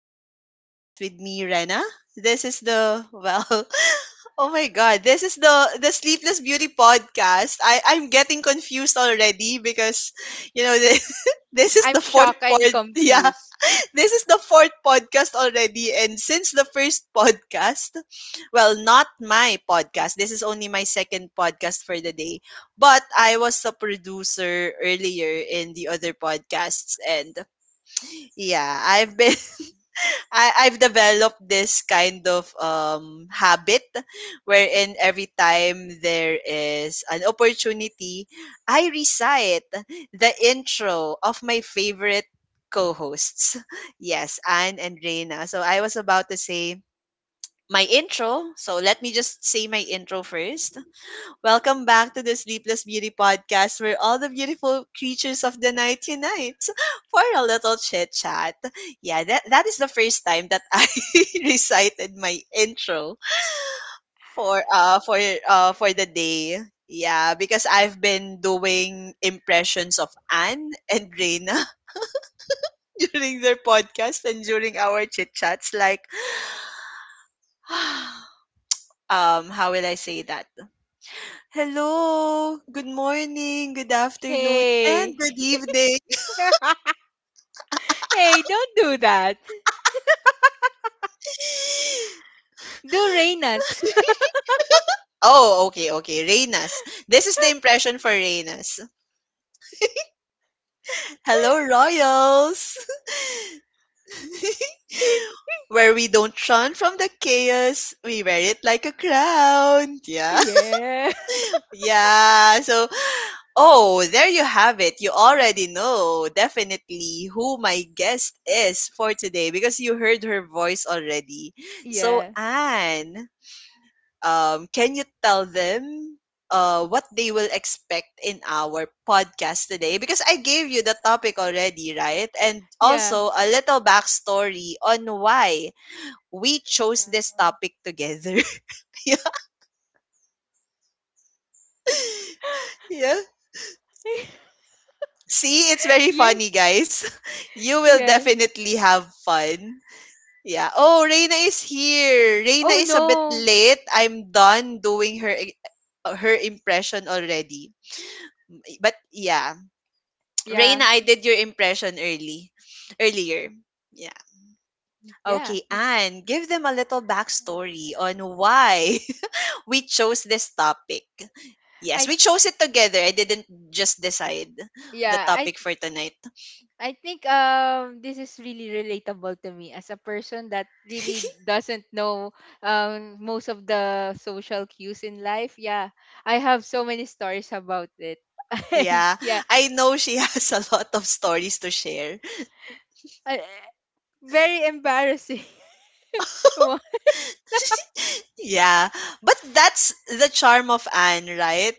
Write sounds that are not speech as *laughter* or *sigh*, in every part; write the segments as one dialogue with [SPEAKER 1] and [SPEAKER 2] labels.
[SPEAKER 1] Beauty Podcast with me, Rena. This is *laughs* oh my god, this is the Sleepless Beauty Podcast. I'm getting confused already because you know this, *laughs* this is the
[SPEAKER 2] I'm
[SPEAKER 1] fourth
[SPEAKER 2] shocked
[SPEAKER 1] pod.
[SPEAKER 2] and
[SPEAKER 1] Yeah,
[SPEAKER 2] confused.
[SPEAKER 1] *laughs* this is the fourth podcast already, and since the first podcast, well, not my podcast. This is only my second podcast for the day, but I was a producer earlier in the other podcasts and yeah, I've been *laughs* I've developed this kind of habit wherein every time there is an opportunity, I recite the intro of my favorite co-hosts. *laughs* Yes, Anne and Reina. So I was about to say my intro. So let me just say my intro first. Welcome back to the Sleepless Beauty podcast where all the beautiful creatures of the night unites *laughs* for a little chit chat. Yeah, that is the first time that I *laughs* recited my intro for the day. Yeah, because I've been doing impressions of Anne and Reina *laughs* during their podcast and during our chit chats like *sighs* how will I say that? Hello, good morning, good afternoon, and
[SPEAKER 2] Hey.
[SPEAKER 1] good evening.
[SPEAKER 2] *laughs* Hey, don't do that.
[SPEAKER 1] *gasps* *laughs*
[SPEAKER 2] Do Reina's.
[SPEAKER 1] Oh, okay, okay. Reynas. This is the impression for Reynas. Hello, Royals. *laughs*
[SPEAKER 2] *laughs*
[SPEAKER 1] Where we don't run from the chaos, we wear it like a crown. Yeah. *laughs*
[SPEAKER 2] Yeah.
[SPEAKER 1] Yeah. So, oh, there you have it. You already know definitely who my guest is for today because you heard her voice already. So,
[SPEAKER 2] Yeah.
[SPEAKER 1] Anne. Can you tell them what they will expect in our podcast today? Because I gave you the topic already, right? And
[SPEAKER 2] Yeah.
[SPEAKER 1] also a little backstory on why we chose this
[SPEAKER 2] Uh,
[SPEAKER 1] topic together. *laughs* yeah, yeah.
[SPEAKER 2] *laughs*
[SPEAKER 1] See, it's very
[SPEAKER 2] yeah.
[SPEAKER 1] funny, guys. *laughs* You will
[SPEAKER 2] Yeah.
[SPEAKER 1] definitely have fun. Yeah. Oh, Reina is here. Reina
[SPEAKER 2] Oh
[SPEAKER 1] is a bit
[SPEAKER 2] no.
[SPEAKER 1] late. I'm done doing her I- her impression already. But yeah,
[SPEAKER 2] Yeah.
[SPEAKER 1] Reina, I did your impression earlier. Yeah.
[SPEAKER 2] Yeah.
[SPEAKER 1] Okay,
[SPEAKER 2] y-
[SPEAKER 1] Anne, give them a little backstory on why *laughs* we chose this topic. Yes,
[SPEAKER 2] I
[SPEAKER 1] we chose it together. I didn't just decide the
[SPEAKER 2] yeah, I
[SPEAKER 1] topic for tonight.
[SPEAKER 2] I think this is really relatable to me as a person that really doesn't know most of the social cues in life. Yeah. I have so many stories about it. *laughs* And
[SPEAKER 1] Yeah,
[SPEAKER 2] yeah,
[SPEAKER 1] I know she *laughs* has a lot of stories to share.
[SPEAKER 2] Uh, very embarrassing. *laughs* Wha-
[SPEAKER 1] Yeah, but that's the charm of Anne, right?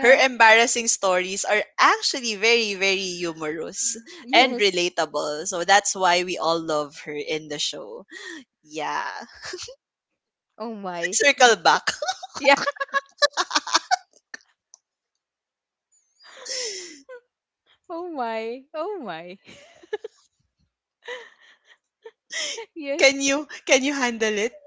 [SPEAKER 1] Her embarrassing stories are actually very, very humorous and
[SPEAKER 2] Yes.
[SPEAKER 1] relatable. So that's why we all love her in the show. Yeah. *laughs*
[SPEAKER 2] Oh
[SPEAKER 1] Let's
[SPEAKER 2] my.
[SPEAKER 1] circle back.
[SPEAKER 2] Yeah. *laughs* Oh my. Oh my. *laughs*
[SPEAKER 1] *laughs*
[SPEAKER 2] Yes.
[SPEAKER 1] Can you handle it,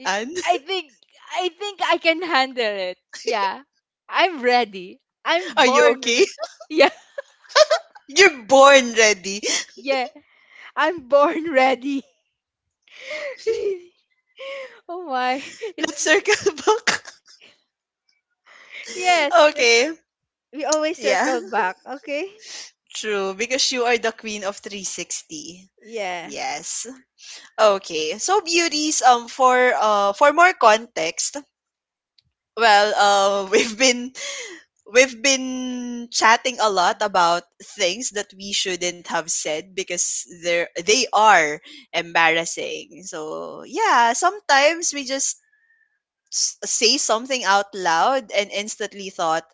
[SPEAKER 2] I
[SPEAKER 1] Anne?
[SPEAKER 2] I think I think I can handle it. Yeah. I'm ready.
[SPEAKER 1] *laughs* Are you okay?
[SPEAKER 2] Yeah.
[SPEAKER 1] *laughs* You're born ready.
[SPEAKER 2] *laughs* Yeah. I'm born ready. *laughs* Really. Oh my. *laughs*
[SPEAKER 1] Let's
[SPEAKER 2] It's
[SPEAKER 1] circle *laughs* back.
[SPEAKER 2] Yes. That
[SPEAKER 1] Okay.
[SPEAKER 2] we always
[SPEAKER 1] Yeah.
[SPEAKER 2] circle back. Okay.
[SPEAKER 1] True. Because you are the queen of 360.
[SPEAKER 2] Yeah.
[SPEAKER 1] Yes. Okay. So beauties for more context, well, uh *laughs* we've been we've been chatting a lot about things that we shouldn't have said because they are embarrassing. So, yeah, sometimes we just say something out loud and instantly thought,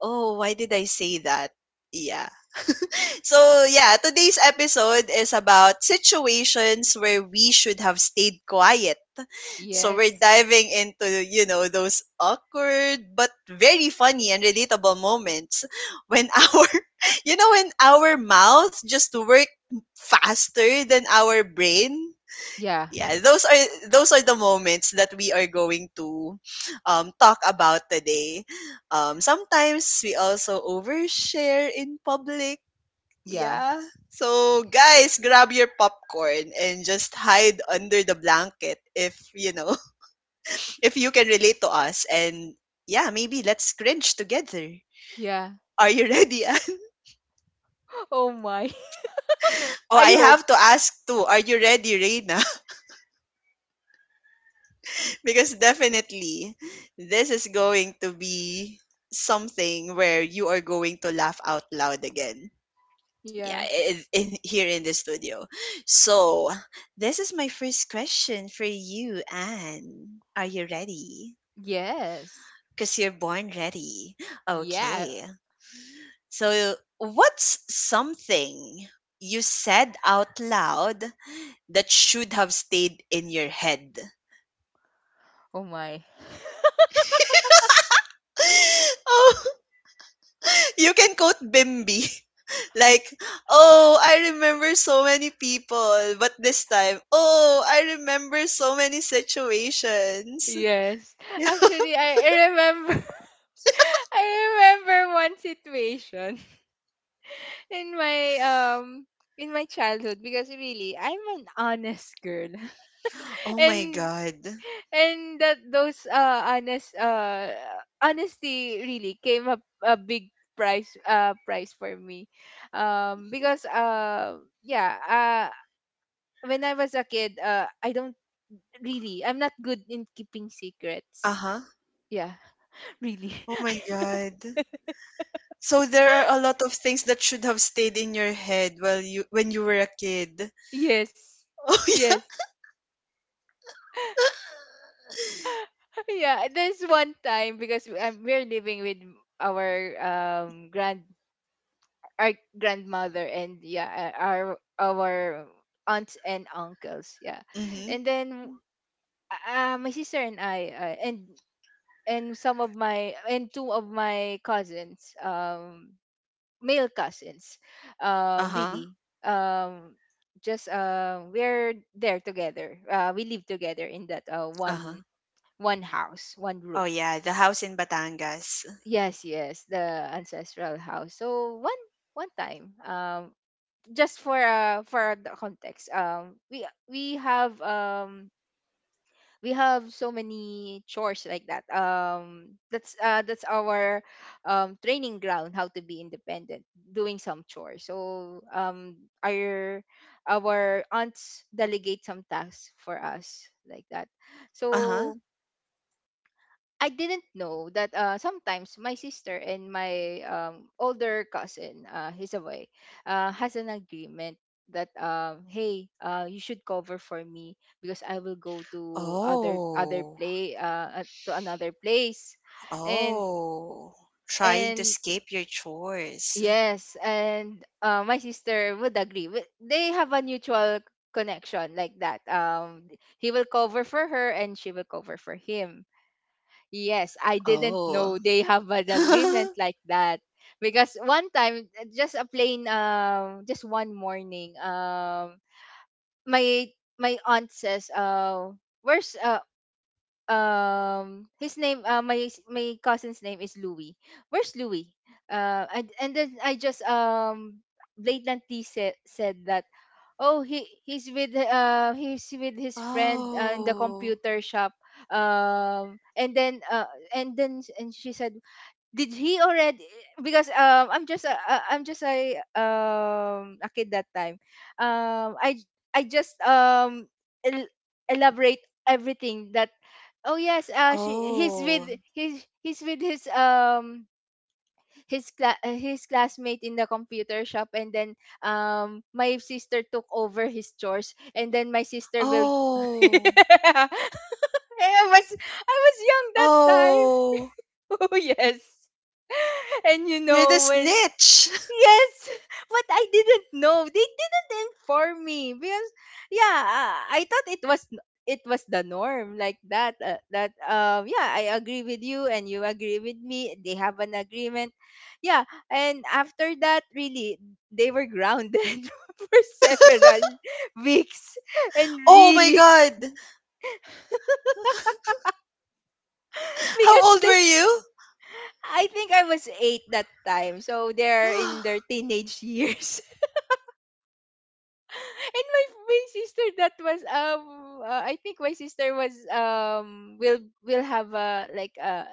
[SPEAKER 1] "Oh, why did I say that?" Yeah. So, yeah, today's episode is about situations where we should have stayed quiet. So we're
[SPEAKER 2] Yes.
[SPEAKER 1] diving into, you know, those awkward but very funny and relatable moments when *laughs* you know, when our mouth just work faster than our brain.
[SPEAKER 2] Yeah.
[SPEAKER 1] Yeah, those are the moments that we are going to talk about today. Sometimes we also overshare in public.
[SPEAKER 2] Yeah.
[SPEAKER 1] Yeah. So guys, grab your popcorn and just hide under the blanket if you know if you can relate to us and yeah, maybe let's cringe together.
[SPEAKER 2] Yeah.
[SPEAKER 1] Are you ready, Anne?
[SPEAKER 2] *laughs* Oh my.
[SPEAKER 1] *laughs*
[SPEAKER 2] *laughs*
[SPEAKER 1] Oh, I
[SPEAKER 2] I hope.
[SPEAKER 1] have to ask too. Are you ready, Reina? *laughs* Because definitely this is going to be something where you are going to laugh out loud again. Yeah,
[SPEAKER 2] Yeah.
[SPEAKER 1] here in the studio. So, this is my first question for you, Anne. Are you ready?
[SPEAKER 2] Yes.
[SPEAKER 1] Because you're born ready.
[SPEAKER 2] Yeah.
[SPEAKER 1] Okay. So, what's something you said out loud that should have stayed in your head?
[SPEAKER 2] Oh my.
[SPEAKER 1] *gasps* *laughs* Oh, you can quote Bimby. *laughs* Like, oh, I remember so many people, but this time, oh, I remember so many situations.
[SPEAKER 2] Yes.
[SPEAKER 1] *laughs*
[SPEAKER 2] Actually, I remember *laughs* I remember one situation *laughs* in my um in my childhood because really I'm an honest girl.
[SPEAKER 1] Oh
[SPEAKER 2] *laughs*
[SPEAKER 1] my
[SPEAKER 2] And
[SPEAKER 1] God.
[SPEAKER 2] and that those honest honesty really came up a big price price for me. Because yeah, when I was a kid, I don't really, I'm not good in keeping
[SPEAKER 1] Uh
[SPEAKER 2] secrets.
[SPEAKER 1] huh.
[SPEAKER 2] Yeah, *laughs* really.
[SPEAKER 1] Oh my
[SPEAKER 2] *laughs*
[SPEAKER 1] God. So there are a lot of things that should have stayed in your head while you when you were a kid.
[SPEAKER 2] Yes.
[SPEAKER 1] *laughs* Oh yeah.
[SPEAKER 2] Yes. *laughs* Yeah, there's one time because we're living with our grand our grandmother and yeah, our aunts and uncles, yeah.
[SPEAKER 1] Mm-hmm.
[SPEAKER 2] And then my sister and I, and some of my and two of my cousins, male cousins,
[SPEAKER 1] Uh-huh.
[SPEAKER 2] really um just we're there together. We live together in that
[SPEAKER 1] Uh-huh.
[SPEAKER 2] one house, one
[SPEAKER 1] Oh,
[SPEAKER 2] roof.
[SPEAKER 1] yeah, the house
[SPEAKER 2] S-
[SPEAKER 1] in Batangas.
[SPEAKER 2] yes, yes, the ancestral house. So one time, just for the context, we have so many chores like that. That's our training ground, how to be independent, doing some chores. So our our aunts delegate some tasks for us like that.
[SPEAKER 1] Uh-huh.
[SPEAKER 2] So I didn't know that, sometimes my sister and my older cousin, has an agreement that, hey, you should cover for me because I will go to other other
[SPEAKER 1] Oh.
[SPEAKER 2] play to another place, and
[SPEAKER 1] Oh. Trying to
[SPEAKER 2] and
[SPEAKER 1] escape your chores.
[SPEAKER 2] yes, and my sister would agree. They have a mutual connection like that. He will cover for her and she will cover for him. Yes, I didn't know
[SPEAKER 1] Oh.
[SPEAKER 2] they have an agreement
[SPEAKER 1] *laughs*
[SPEAKER 2] like that. Because one time, just a plain, just one morning, my my aunt says, where's, his name, my cousin's name is Louis. Where's Louis? And then I just blatantly said that, oh, he's with his friend, in the
[SPEAKER 1] Oh.
[SPEAKER 2] computer shop. And she said, "Did he already..." Because I'm just I'm just a kid that time. I just el- elaborate everything that, oh yes, she
[SPEAKER 1] Oh.
[SPEAKER 2] he's with his his classmate in the computer shop. And then my sister took over his chores, and then my sister will. *laughs*
[SPEAKER 1] Oh.
[SPEAKER 2] Yeah. I was I was young that time. *laughs*
[SPEAKER 1] Oh.
[SPEAKER 2] Oh yes. *laughs* And you
[SPEAKER 1] You're the
[SPEAKER 2] know when,
[SPEAKER 1] snitch. *laughs*
[SPEAKER 2] yes, *laughs* but I didn't know. They didn't inform me because yeah, I thought it was the norm like that. That, yeah, I agree with you and you agree with me. They have an agreement. Yeah, and after that, really, they were grounded *laughs* for several weeks, and
[SPEAKER 1] Oh my
[SPEAKER 2] really, *laughs*
[SPEAKER 1] god. *laughs* How
[SPEAKER 2] because
[SPEAKER 1] old
[SPEAKER 2] they,
[SPEAKER 1] were you?
[SPEAKER 2] I think I was eight that time, so
[SPEAKER 1] *sighs*
[SPEAKER 2] they're in their teenage years. And my sister that was, I think my sister was, will have a, like a,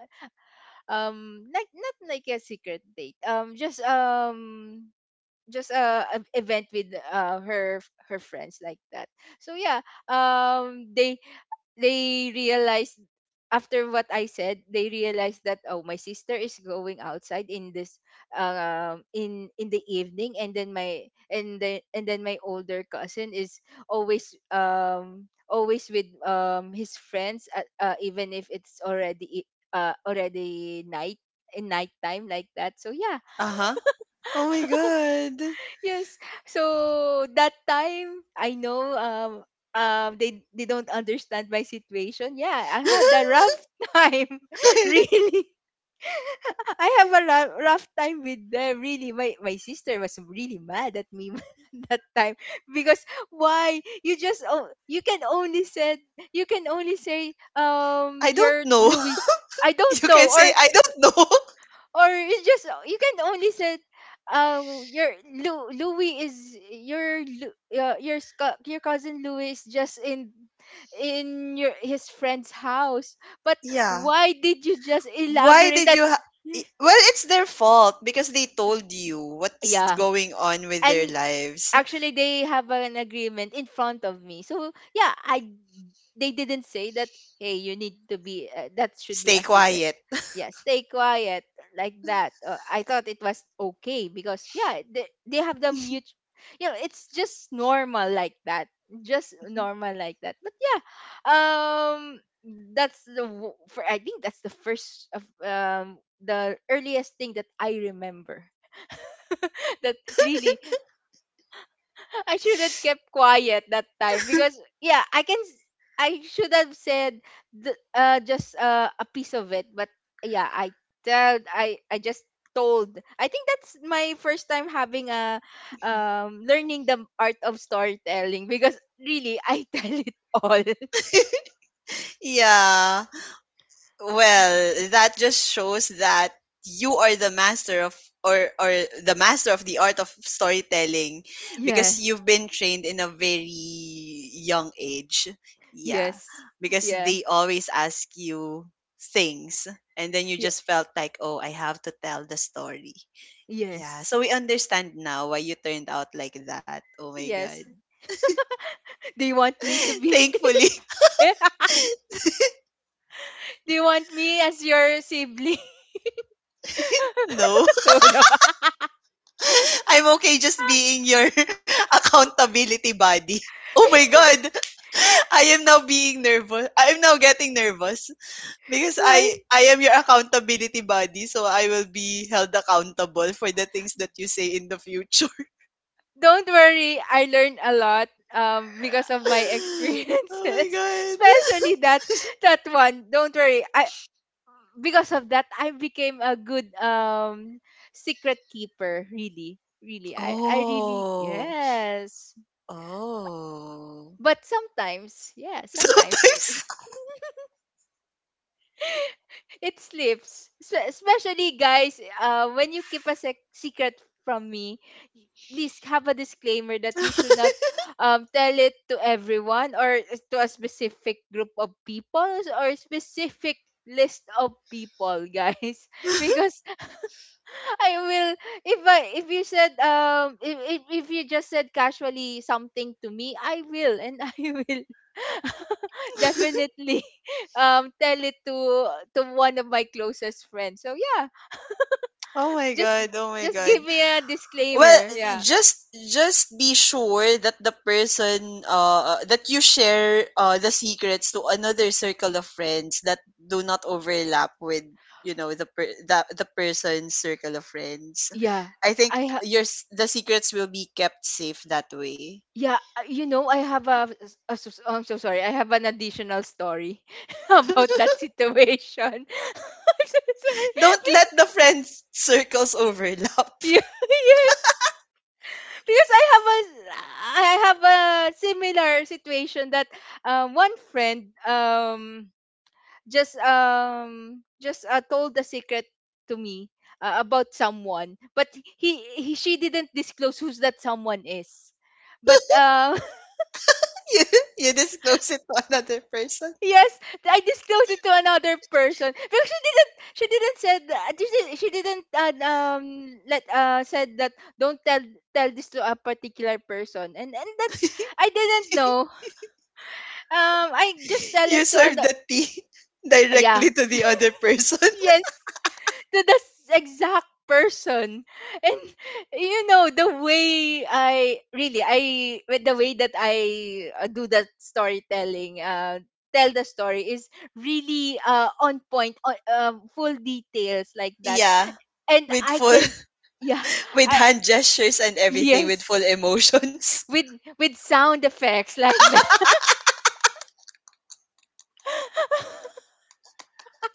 [SPEAKER 2] like not like a secret date, a event with her friends like that. So yeah, um they they realized, after what I said, they realized that, oh, my sister is going outside in this, in the evening. And then my older cousin is always, always with, his friends, even if it's already, already night, in nighttime like that. So yeah,
[SPEAKER 1] *gasps* Uh-huh. Oh my god.
[SPEAKER 2] yes. So that time, I know, they don't understand my situation. Yeah, I had a rough *laughs* time.
[SPEAKER 1] *laughs*
[SPEAKER 2] Really. *laughs* I have a rough, rough time with them. Really, my sister was really mad at me *laughs* that time, because why you can only said, you can only say,
[SPEAKER 1] I don't
[SPEAKER 2] you're
[SPEAKER 1] know.
[SPEAKER 2] Louis.
[SPEAKER 1] *laughs*
[SPEAKER 2] I don't
[SPEAKER 1] You can
[SPEAKER 2] know,
[SPEAKER 1] say I don't know. *laughs*
[SPEAKER 2] or it's just, you can only said your Louis is your your your cousin Louis is just in your his friend's house. But
[SPEAKER 1] Yeah.
[SPEAKER 2] why did you just
[SPEAKER 1] Why
[SPEAKER 2] elaborate
[SPEAKER 1] did
[SPEAKER 2] that?
[SPEAKER 1] you ha- I- Well, it's their fault because they told you
[SPEAKER 2] *laughs*
[SPEAKER 1] what's
[SPEAKER 2] Yeah,
[SPEAKER 1] going on with their
[SPEAKER 2] and
[SPEAKER 1] lives.
[SPEAKER 2] actually they have an agreement in front of me, so yeah, I they didn't say that, hey, you need to be, that should be
[SPEAKER 1] Stay
[SPEAKER 2] a secret.
[SPEAKER 1] quiet.
[SPEAKER 2] Yeah, stay quiet like that. I thought it was okay because yeah, they have the mute. You know, it's just normal like that, just normal like that. But yeah, um for I think that's the first of, the earliest thing that I remember, *laughs* that really I should have kept quiet that time.
[SPEAKER 1] *laughs*
[SPEAKER 2] Because yeah, I should have said the, just a piece of it. But yeah, I just told. I think that's my first time having a, learning the art of storytelling, because really I *laughs* tell it all.
[SPEAKER 1] Yeah. Well, that just shows that you are the master of or the master of the art of storytelling
[SPEAKER 2] Yeah.
[SPEAKER 1] because you've been trained in a very young age. Yeah.
[SPEAKER 2] Yes.
[SPEAKER 1] Because
[SPEAKER 2] Yeah.
[SPEAKER 1] they always ask you things and then you
[SPEAKER 2] Yeah.
[SPEAKER 1] just felt like, "Oh, I have to tell the story." Yeah,
[SPEAKER 2] Yes.
[SPEAKER 1] so we understand now why you turned out like that. Oh my God.
[SPEAKER 2] Yes. Do you want me to
[SPEAKER 1] *laughs*
[SPEAKER 2] be?
[SPEAKER 1] Thankfully,
[SPEAKER 2] *laughs* Do you want me as your sibling?
[SPEAKER 1] *laughs* no.
[SPEAKER 2] *laughs* Oh no.
[SPEAKER 1] *laughs* I'm okay just being your *laughs* accountability buddy. Oh my God. *laughs* I am now being nervous. I am now getting nervous because
[SPEAKER 2] Why?
[SPEAKER 1] I am your accountability buddy, so I will be held accountable for the things that you say in the future.
[SPEAKER 2] Don't worry, I learned a lot because of my
[SPEAKER 1] *laughs* Oh my
[SPEAKER 2] experiences, *laughs*
[SPEAKER 1] god. *laughs*
[SPEAKER 2] especially that that one. Don't worry, I, because of that, I became a good secret keeper. Really, really, I really,
[SPEAKER 1] Oh.
[SPEAKER 2] yes.
[SPEAKER 1] Oh.
[SPEAKER 2] But sometimes, yeah,
[SPEAKER 1] *laughs*
[SPEAKER 2] sometimes it,
[SPEAKER 1] Sometimes
[SPEAKER 2] it slips. Especially guys, when you keep a secret from me, please have a disclaimer that you should not, tell it to everyone or to a specific group of people, or specific list of people, guys, *laughs*
[SPEAKER 1] *laughs*
[SPEAKER 2] because I will, if I, if you said, if, if you just said casually something to me, I will, and I will *laughs* definitely *laughs* tell it to one of my closest friends. So yeah,
[SPEAKER 1] Oh my
[SPEAKER 2] just
[SPEAKER 1] god, oh my
[SPEAKER 2] just give
[SPEAKER 1] god.
[SPEAKER 2] me a
[SPEAKER 1] Well,
[SPEAKER 2] disclaimer. Yeah.
[SPEAKER 1] just just be sure that the person that you share the secrets to another circle of friends that do not overlap with, you know, the person's circle of friends.
[SPEAKER 2] Yeah.
[SPEAKER 1] I think
[SPEAKER 2] I ha-
[SPEAKER 1] your s- The secrets will be kept safe that way.
[SPEAKER 2] yeah, you know, I have a, I'm so sorry. I have an additional story *laughs* about that situation. *laughs* I'm so
[SPEAKER 1] *laughs*
[SPEAKER 2] sorry.
[SPEAKER 1] Don't let
[SPEAKER 2] *laughs*
[SPEAKER 1] the friend circles overlap.
[SPEAKER 2] Yeah, *laughs* yes. Because I have a similar situation, that, one friend, just told the secret to me, about someone. But, he she didn't disclose who's that someone is, but
[SPEAKER 1] *laughs* you, you disclose it to another person.
[SPEAKER 2] *laughs* yes, I disclosed it to another person because she didn't said, she didn't, let, said that, don't tell, tell this to a particular person, and that I didn't
[SPEAKER 1] *laughs*
[SPEAKER 2] know. I just tell it
[SPEAKER 1] You
[SPEAKER 2] to an,
[SPEAKER 1] serve the tea *laughs*
[SPEAKER 2] yeah,
[SPEAKER 1] directly to the other *laughs* person.
[SPEAKER 2] yes, to the exact person. And you know the way I really, I with the way that I, do that storytelling, tell the story, is really on point, on, full details like that.
[SPEAKER 1] Yeah.
[SPEAKER 2] And
[SPEAKER 1] With
[SPEAKER 2] I
[SPEAKER 1] full
[SPEAKER 2] can, yeah,
[SPEAKER 1] *laughs* with
[SPEAKER 2] I,
[SPEAKER 1] hand gestures and everything with full
[SPEAKER 2] yes,
[SPEAKER 1] emotions.
[SPEAKER 2] with with sound effects like that. *laughs*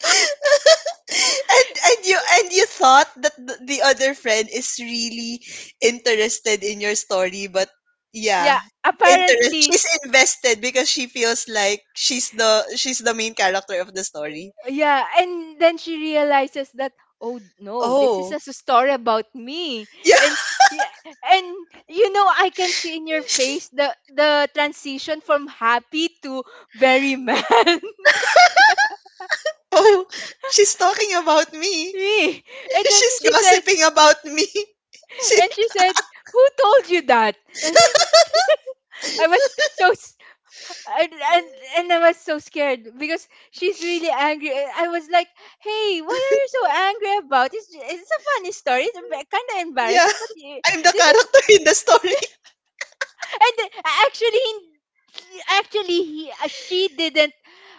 [SPEAKER 1] *laughs* and you thought that the other friend is really interested in your story but yeah
[SPEAKER 2] Yeah,
[SPEAKER 1] interest
[SPEAKER 2] apparently.
[SPEAKER 1] she's invested because she feels like she's the main character of the story.
[SPEAKER 2] Yeah, and then she realizes that, oh no, this is
[SPEAKER 1] Oh
[SPEAKER 2] just a story about me.
[SPEAKER 1] yeah.
[SPEAKER 2] And yeah, and you know I can see in your face the transition from happy to very mad. *laughs*
[SPEAKER 1] *laughs* Oh, she's talking about me.
[SPEAKER 2] Me. And
[SPEAKER 1] *laughs*
[SPEAKER 2] then
[SPEAKER 1] She's
[SPEAKER 2] she said,
[SPEAKER 1] gossiping about me. *laughs* she,
[SPEAKER 2] and she said, "Who told you that?" I mean, I was so, and, and I was so scared because she's really angry. And I was like, "Hey, why are you so angry about? It's a funny story. It's kind of
[SPEAKER 1] yeah,
[SPEAKER 2] embarrassing, but you,
[SPEAKER 1] I'm the
[SPEAKER 2] this is,
[SPEAKER 1] character in the story.
[SPEAKER 2] and actually, he she didn't,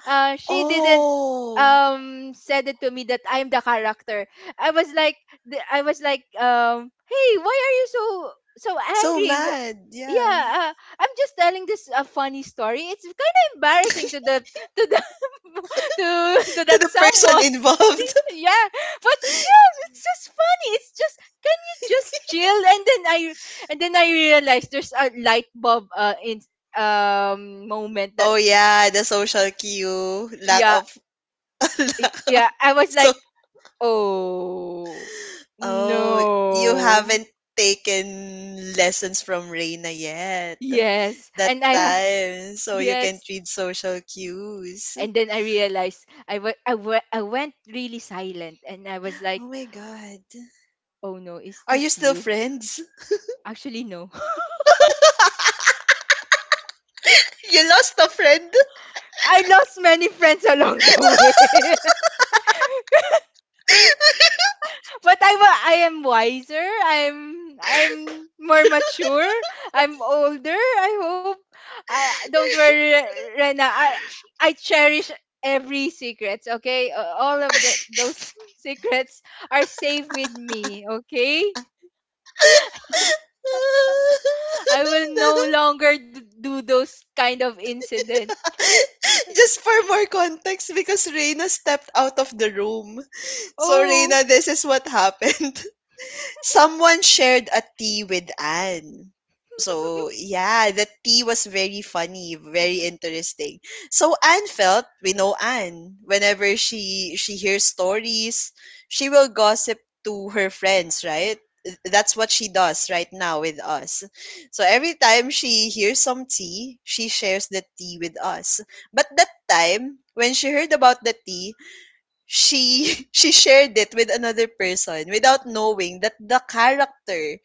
[SPEAKER 2] uh she didn't
[SPEAKER 1] Oh,
[SPEAKER 2] said it to me that I'm the character. I was like, I was like, hey, why are you so
[SPEAKER 1] so
[SPEAKER 2] angry?
[SPEAKER 1] mad, yeah.
[SPEAKER 2] Yeah, I'm just telling this a funny story. It's kind of embarrassing to the *laughs* to
[SPEAKER 1] *laughs* To
[SPEAKER 2] that
[SPEAKER 1] the person
[SPEAKER 2] someone.
[SPEAKER 1] involved. *laughs*
[SPEAKER 2] *laughs* Yeah, but yeah, it's just funny. It's just, can you just chill? And then I realized there's a light bulb in moment. That
[SPEAKER 1] Oh yeah, the social cue, lack
[SPEAKER 2] yeah.
[SPEAKER 1] of *laughs* lack of
[SPEAKER 2] Yeah, I was
[SPEAKER 1] so
[SPEAKER 2] like, oh
[SPEAKER 1] oh, you
[SPEAKER 2] no.
[SPEAKER 1] haven't taken lessons from Reina yet
[SPEAKER 2] Yes,
[SPEAKER 1] that time, so you can
[SPEAKER 2] yes,
[SPEAKER 1] read social cues.
[SPEAKER 2] and then I realized I went really silent and I was like,
[SPEAKER 1] Oh my god.
[SPEAKER 2] oh no, is
[SPEAKER 1] Are you
[SPEAKER 2] this
[SPEAKER 1] still
[SPEAKER 2] you?
[SPEAKER 1] friends?
[SPEAKER 2] Actually, no.
[SPEAKER 1] *laughs* You lost a friend.
[SPEAKER 2] *laughs* I lost many friends along the *laughs* way, but I am wiser. I'm more mature. I'm older, I hope. I don't worry, Rena. I cherish every secrets. Okay, all of the those secrets are safe with me. Okay, I will no
[SPEAKER 1] *laughs* *laughs*
[SPEAKER 2] longer do those kind of incident.
[SPEAKER 1] *laughs* Just for more context, because Reina stepped out of the room. So,
[SPEAKER 2] Oh,
[SPEAKER 1] Reina, this is what happened. Someone shared a tea with Anne. So, yeah, the tea was very funny, very interesting. So Anne felt, we know Anne, whenever she hears stories, she will gossip to her friends, right? That's what she does right now with us. So every time she hears some tea, she shares the tea with us. But that time, when she heard about the tea, she *laughs* she shared it with another person without knowing that the character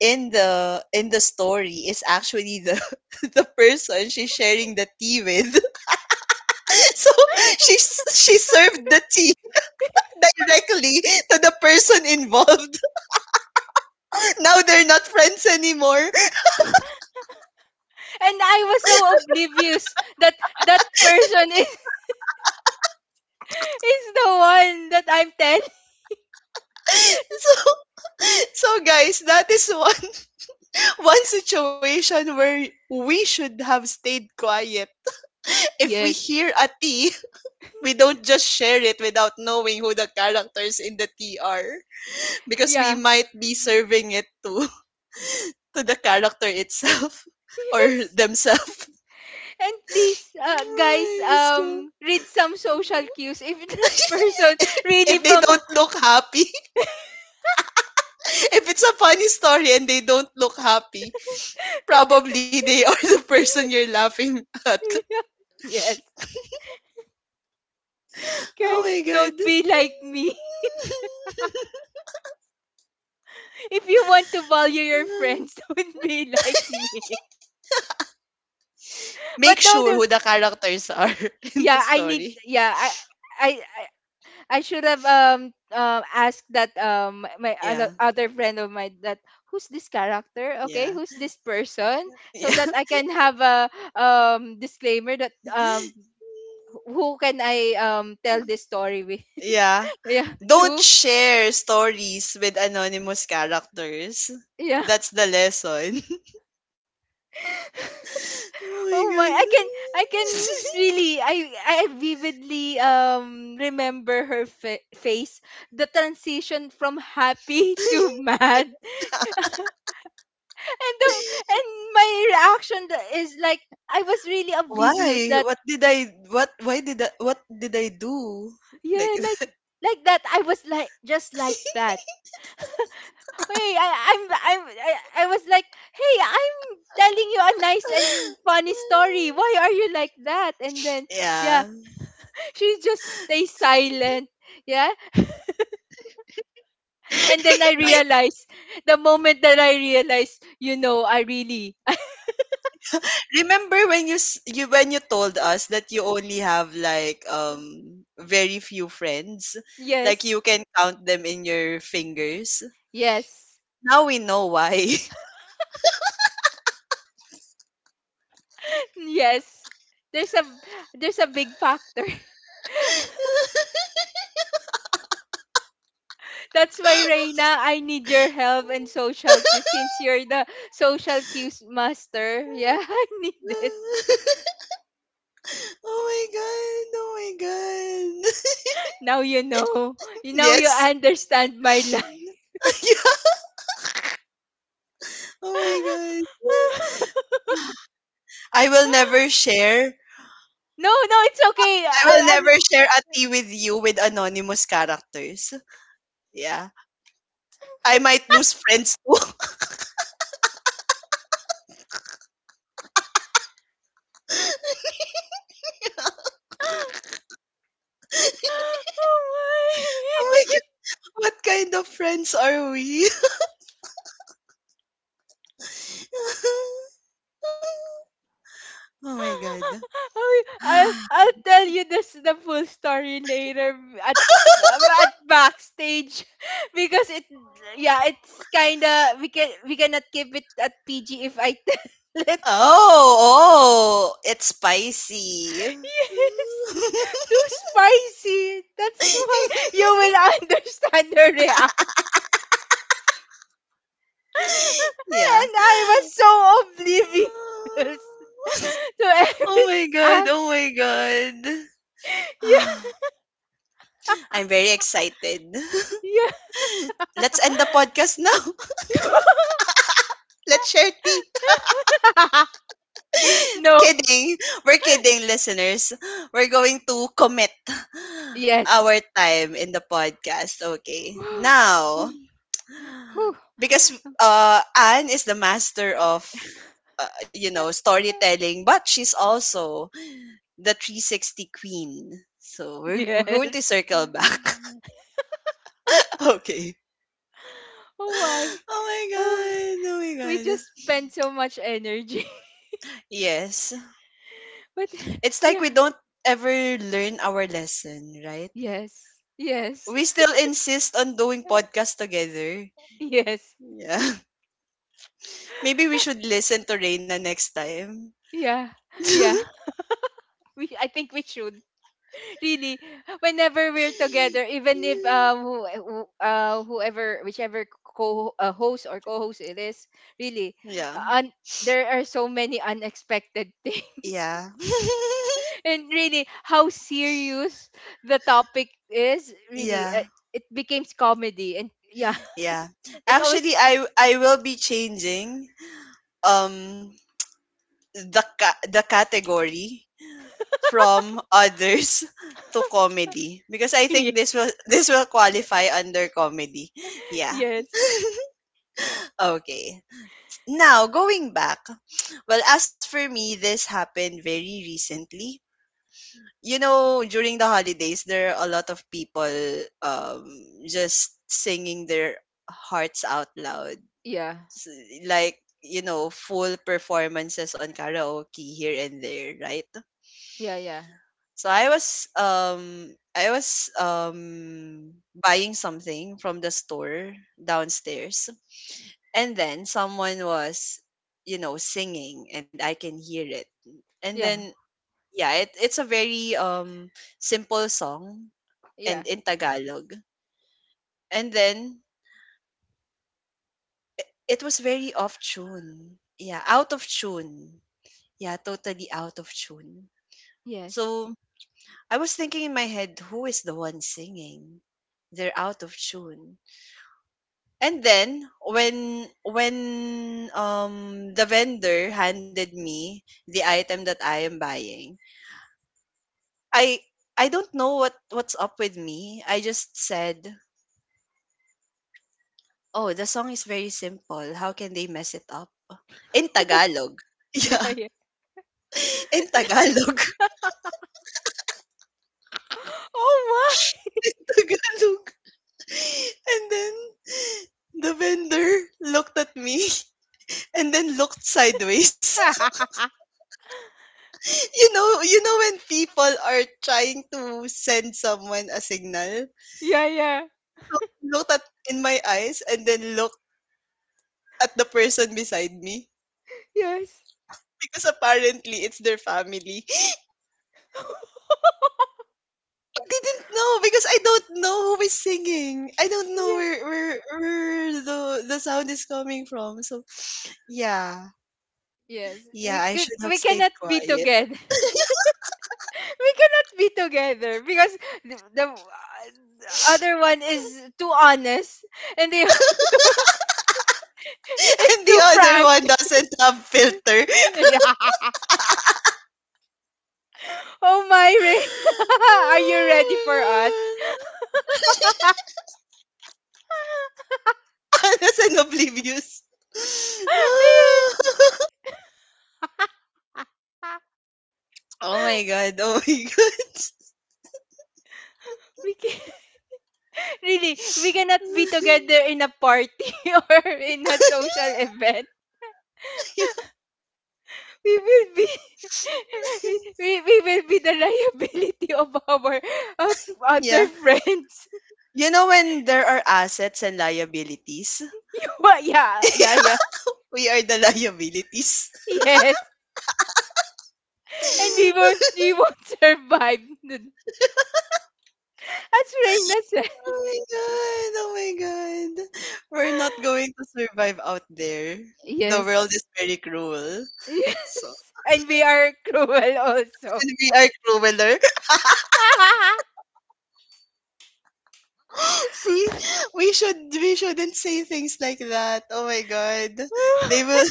[SPEAKER 1] in the story is actually the *laughs* the person she's sharing the tea with *laughs* so she served the tea directly to the person involved *laughs* now they're not friends anymore *laughs*
[SPEAKER 2] and I was so oblivious that that person is *laughs* is the one that I'm telling.
[SPEAKER 1] so so guys that is one *laughs* one situation where we should have stayed quiet if we
[SPEAKER 2] Yes.
[SPEAKER 1] hear a tea we don't just share it without knowing who the characters in the TR *laughs* because we
[SPEAKER 2] Yeah.
[SPEAKER 1] might be serving it to *laughs* to the character itself *laughs* or
[SPEAKER 2] Yes.
[SPEAKER 1] themselves.
[SPEAKER 2] And please,
[SPEAKER 1] *laughs* Ay,
[SPEAKER 2] guys,
[SPEAKER 1] Diyos ko.
[SPEAKER 2] read some social cues if *laughs* that person
[SPEAKER 1] *laughs*
[SPEAKER 2] really
[SPEAKER 1] If they
[SPEAKER 2] from.
[SPEAKER 1] don't look happy, *laughs* if it's a funny story and they don't look happy, probably they are *laughs* the person you're laughing at. *laughs*
[SPEAKER 2] *laughs* Yes.
[SPEAKER 1] Oh my
[SPEAKER 2] Guys,
[SPEAKER 1] god.
[SPEAKER 2] don't be like me. *laughs* If you want to value your friends, *laughs*
[SPEAKER 1] *laughs*
[SPEAKER 2] don't be like me.
[SPEAKER 1] Make
[SPEAKER 2] But don't.
[SPEAKER 1] sure who the characters are *laughs* in the
[SPEAKER 2] Yeah, I need.
[SPEAKER 1] story.
[SPEAKER 2] Yeah, I, I should have asked that my
[SPEAKER 1] Yeah,
[SPEAKER 2] other friend of mine that who's this character, okay,
[SPEAKER 1] yeah,
[SPEAKER 2] who's this person, so
[SPEAKER 1] yeah.
[SPEAKER 2] that I can have a disclaimer that who can I tell this story with.
[SPEAKER 1] Yeah.
[SPEAKER 2] *laughs* Yeah.
[SPEAKER 1] Don't
[SPEAKER 2] Two.
[SPEAKER 1] share stories with anonymous characters.
[SPEAKER 2] Yeah.
[SPEAKER 1] That's the lesson.
[SPEAKER 2] *laughs*
[SPEAKER 1] *laughs* Oh my
[SPEAKER 2] Oh my,
[SPEAKER 1] god.
[SPEAKER 2] I can. I can Really, I vividly remember her face, the transition from happy *laughs* to
[SPEAKER 1] *laughs*
[SPEAKER 2] mad, and and my reaction. Is like, I was really oblivious
[SPEAKER 1] Why?
[SPEAKER 2] that,
[SPEAKER 1] What did I what why did I, what did I do? Like
[SPEAKER 2] yeah, like, that. I was like, just like that. *laughs* Hey, I, I'm I'm I, I was like, hey, I'm telling you a nice and funny story.
[SPEAKER 1] *laughs*
[SPEAKER 2] Why are you like that? And then, yeah,
[SPEAKER 1] Yeah.
[SPEAKER 2] she just stays silent. Yeah, and then I realized, the moment that I realized, I really.
[SPEAKER 1] Remember when you s- you when you told us that you only have like very few friends?
[SPEAKER 2] *laughs*
[SPEAKER 1] Like you
[SPEAKER 2] Yes,
[SPEAKER 1] can count them in your fingers.
[SPEAKER 2] yes.
[SPEAKER 1] Now we know why.
[SPEAKER 2] Yes. There's a big factor. *laughs* That's why, Reina, I need your help in social
[SPEAKER 1] *laughs*
[SPEAKER 2] cues, since you're the social cues master. Yeah, *laughs* I need it.
[SPEAKER 1] *laughs* Oh my god. Oh my god. *laughs*
[SPEAKER 2] Now you know. You Now you
[SPEAKER 1] Yes.
[SPEAKER 2] understand my life.
[SPEAKER 1] *laughs* Yeah. Oh my god.
[SPEAKER 2] *laughs*
[SPEAKER 1] I will never share.
[SPEAKER 2] No, no, it's okay.
[SPEAKER 1] I will
[SPEAKER 2] I'm.
[SPEAKER 1] never
[SPEAKER 2] *gasps*
[SPEAKER 1] share a tea with you with anonymous characters. Yeah. I might lose friends too. *laughs*
[SPEAKER 2] Oh
[SPEAKER 1] Oh my
[SPEAKER 2] my. *laughs*
[SPEAKER 1] god. What kind of friends are we? *laughs* Oh my god.
[SPEAKER 2] *laughs* I- I'll,
[SPEAKER 1] *sighs*
[SPEAKER 2] I'll tell you this the full story later at backstage. *laughs* Because it yeah, it's kind of, we cannot keep it at PG if I tell it.
[SPEAKER 1] Oh, oh, it's spicy.
[SPEAKER 2] *laughs* Yes, too spicy, that's *laughs* why you
[SPEAKER 1] *laughs*
[SPEAKER 2] will *laughs* understand her reaction. *laughs*
[SPEAKER 1] Yeah.
[SPEAKER 2] And I was
[SPEAKER 1] *laughs*
[SPEAKER 2] so oblivious *laughs* to every
[SPEAKER 1] Oh my God. Oh
[SPEAKER 2] action.
[SPEAKER 1] my God. *sighs* I'm very excited. *laughs*
[SPEAKER 2] Yeah,
[SPEAKER 1] Let's end the podcast now. *laughs* Let's share tea.
[SPEAKER 2] yeah. *laughs*
[SPEAKER 1] *laughs*
[SPEAKER 2] No.
[SPEAKER 1] Kidding. We're kidding, listeners. We're going to commit *laughs* *sighs*
[SPEAKER 2] Yes.
[SPEAKER 1] our time in the podcast. Okay.
[SPEAKER 2] *gasps*
[SPEAKER 1] Now,
[SPEAKER 2] One. Whew.
[SPEAKER 1] because Anne is the master of you know,
[SPEAKER 2] *laughs*
[SPEAKER 1] storytelling, but she's also the 360 queen. So we're
[SPEAKER 2] Yes.
[SPEAKER 1] going to circle back.
[SPEAKER 2] *laughs*
[SPEAKER 1] *laughs* Okay.
[SPEAKER 2] Oh my. Oh,
[SPEAKER 1] Oh my god. Oh my
[SPEAKER 2] we
[SPEAKER 1] god.
[SPEAKER 2] just spent so much energy.
[SPEAKER 1] Yes.
[SPEAKER 2] *laughs* But
[SPEAKER 1] It's like we
[SPEAKER 2] yeah.
[SPEAKER 1] don't ever learn our lesson, right?
[SPEAKER 2] Yes. Yes.
[SPEAKER 1] We still insist on doing
[SPEAKER 2] *laughs*
[SPEAKER 1] podcast together.
[SPEAKER 2] Yes.
[SPEAKER 1] Yeah. *laughs* Maybe we should listen to Reina next time. *laughs*
[SPEAKER 2] Yeah. Yeah. We I think we should. Really, whenever we're together, even if who, whoever, whichever co host or co-host it is, really.
[SPEAKER 1] Yeah.
[SPEAKER 2] uh, un- there are so many unexpected *laughs* things,
[SPEAKER 1] Yeah. *laughs*
[SPEAKER 2] and really, how serious the topic is, really,
[SPEAKER 1] Yeah.
[SPEAKER 2] it becomes comedy. And yeah,
[SPEAKER 1] Yeah.
[SPEAKER 2] *laughs* it always.
[SPEAKER 1] Actually, I will be changing um the the category from others *laughs* to comedy because I
[SPEAKER 2] *laughs* Yeah.
[SPEAKER 1] think this will *laughs* this will qualify under comedy. Yeah.
[SPEAKER 2] Yes,
[SPEAKER 1] Okay. Now, going back, well, as for me, this happened very recently. You know, during the holidays, there are a lot of people um just singing their hearts out loud,
[SPEAKER 2] yeah,
[SPEAKER 1] like, you know, full performances on karaoke here and there, right?
[SPEAKER 2] yeah, yeah,
[SPEAKER 1] So I was I was buying something from the store downstairs, and then someone was, you know, singing and I can hear it, and
[SPEAKER 2] yeah,
[SPEAKER 1] then yeah, it's a very simple song,
[SPEAKER 2] yeah.
[SPEAKER 1] and in Tagalog, and then it was very off tune, yeah, out of tune, yeah, totally out of tune.
[SPEAKER 2] Yes.
[SPEAKER 1] So I was thinking in my head, who is the one singing? They're out of tune. And then when when the vendor handed me the item that I am buying, I I don't know what what's up with me. I just said, "Oh, the song is very simple. How can they mess it up?" In
[SPEAKER 2] *laughs*
[SPEAKER 1] Tagalog. *laughs*
[SPEAKER 2] Yeah,
[SPEAKER 1] Yeah,
[SPEAKER 2] yeah.
[SPEAKER 1] in Tagalog.
[SPEAKER 2] *laughs* Oh
[SPEAKER 1] *laughs* In Tagalog. And then the vendor looked at me *laughs* and then looked sideways.
[SPEAKER 2] my.
[SPEAKER 1] *laughs* You know, you know when people are trying to send someone a signal.
[SPEAKER 2] *laughs* Yeah, yeah.
[SPEAKER 1] So he looked at in my eyes and then looked at the person beside me,
[SPEAKER 2] Yes.
[SPEAKER 1] because apparently it's their family.
[SPEAKER 2] *laughs*
[SPEAKER 1] I didn't know because I don't know who is singing. I don't know
[SPEAKER 2] Yeah.
[SPEAKER 1] where where the sound is coming from. So yeah,
[SPEAKER 2] Yes.
[SPEAKER 1] yeah, I
[SPEAKER 2] We,
[SPEAKER 1] should
[SPEAKER 2] we
[SPEAKER 1] have
[SPEAKER 2] we
[SPEAKER 1] stayed
[SPEAKER 2] cannot be
[SPEAKER 1] quiet.
[SPEAKER 2] together. *laughs* We cannot be together, because the, the uh, the other one is too honest, and the *laughs*
[SPEAKER 1] *laughs*
[SPEAKER 2] is
[SPEAKER 1] And the
[SPEAKER 2] too
[SPEAKER 1] other
[SPEAKER 2] frank.
[SPEAKER 1] one doesn't have filter.
[SPEAKER 2] *laughs*
[SPEAKER 1] *laughs*
[SPEAKER 2] Yeah. Oh my, Rain. *laughs* Are you ready for us?
[SPEAKER 1] Oh my god.
[SPEAKER 2] *laughs*
[SPEAKER 1] Honest and oblivious.
[SPEAKER 2] Yes.
[SPEAKER 1] *laughs*
[SPEAKER 2] *laughs*
[SPEAKER 1] Oh my god. Oh my god.
[SPEAKER 2] We can, *laughs* really, we cannot be together in a party *laughs* or in a social
[SPEAKER 1] *laughs*
[SPEAKER 2] event.
[SPEAKER 1] Yeah.
[SPEAKER 2] We will be *laughs* we will be the liability *laughs* of our, uh, other
[SPEAKER 1] Yeah.
[SPEAKER 2] friends. *laughs*
[SPEAKER 1] You know when there are assets and liabilities?
[SPEAKER 2] Well, yeah, yeah, yeah.
[SPEAKER 1] We are the liabilities.
[SPEAKER 2] Yes.
[SPEAKER 1] *laughs*
[SPEAKER 2] And we won't *laughs* survive. As Reina said.
[SPEAKER 1] Oh my god. Oh my god. We're not going to survive out there. The world
[SPEAKER 2] Yes.
[SPEAKER 1] is
[SPEAKER 2] *laughs*
[SPEAKER 1] very cruel. So
[SPEAKER 2] Yes. And we are cruel also.
[SPEAKER 1] and we are crueler.
[SPEAKER 2] *laughs*
[SPEAKER 1] *gasps* See, we shouldn't say things like that. Oh my god. They will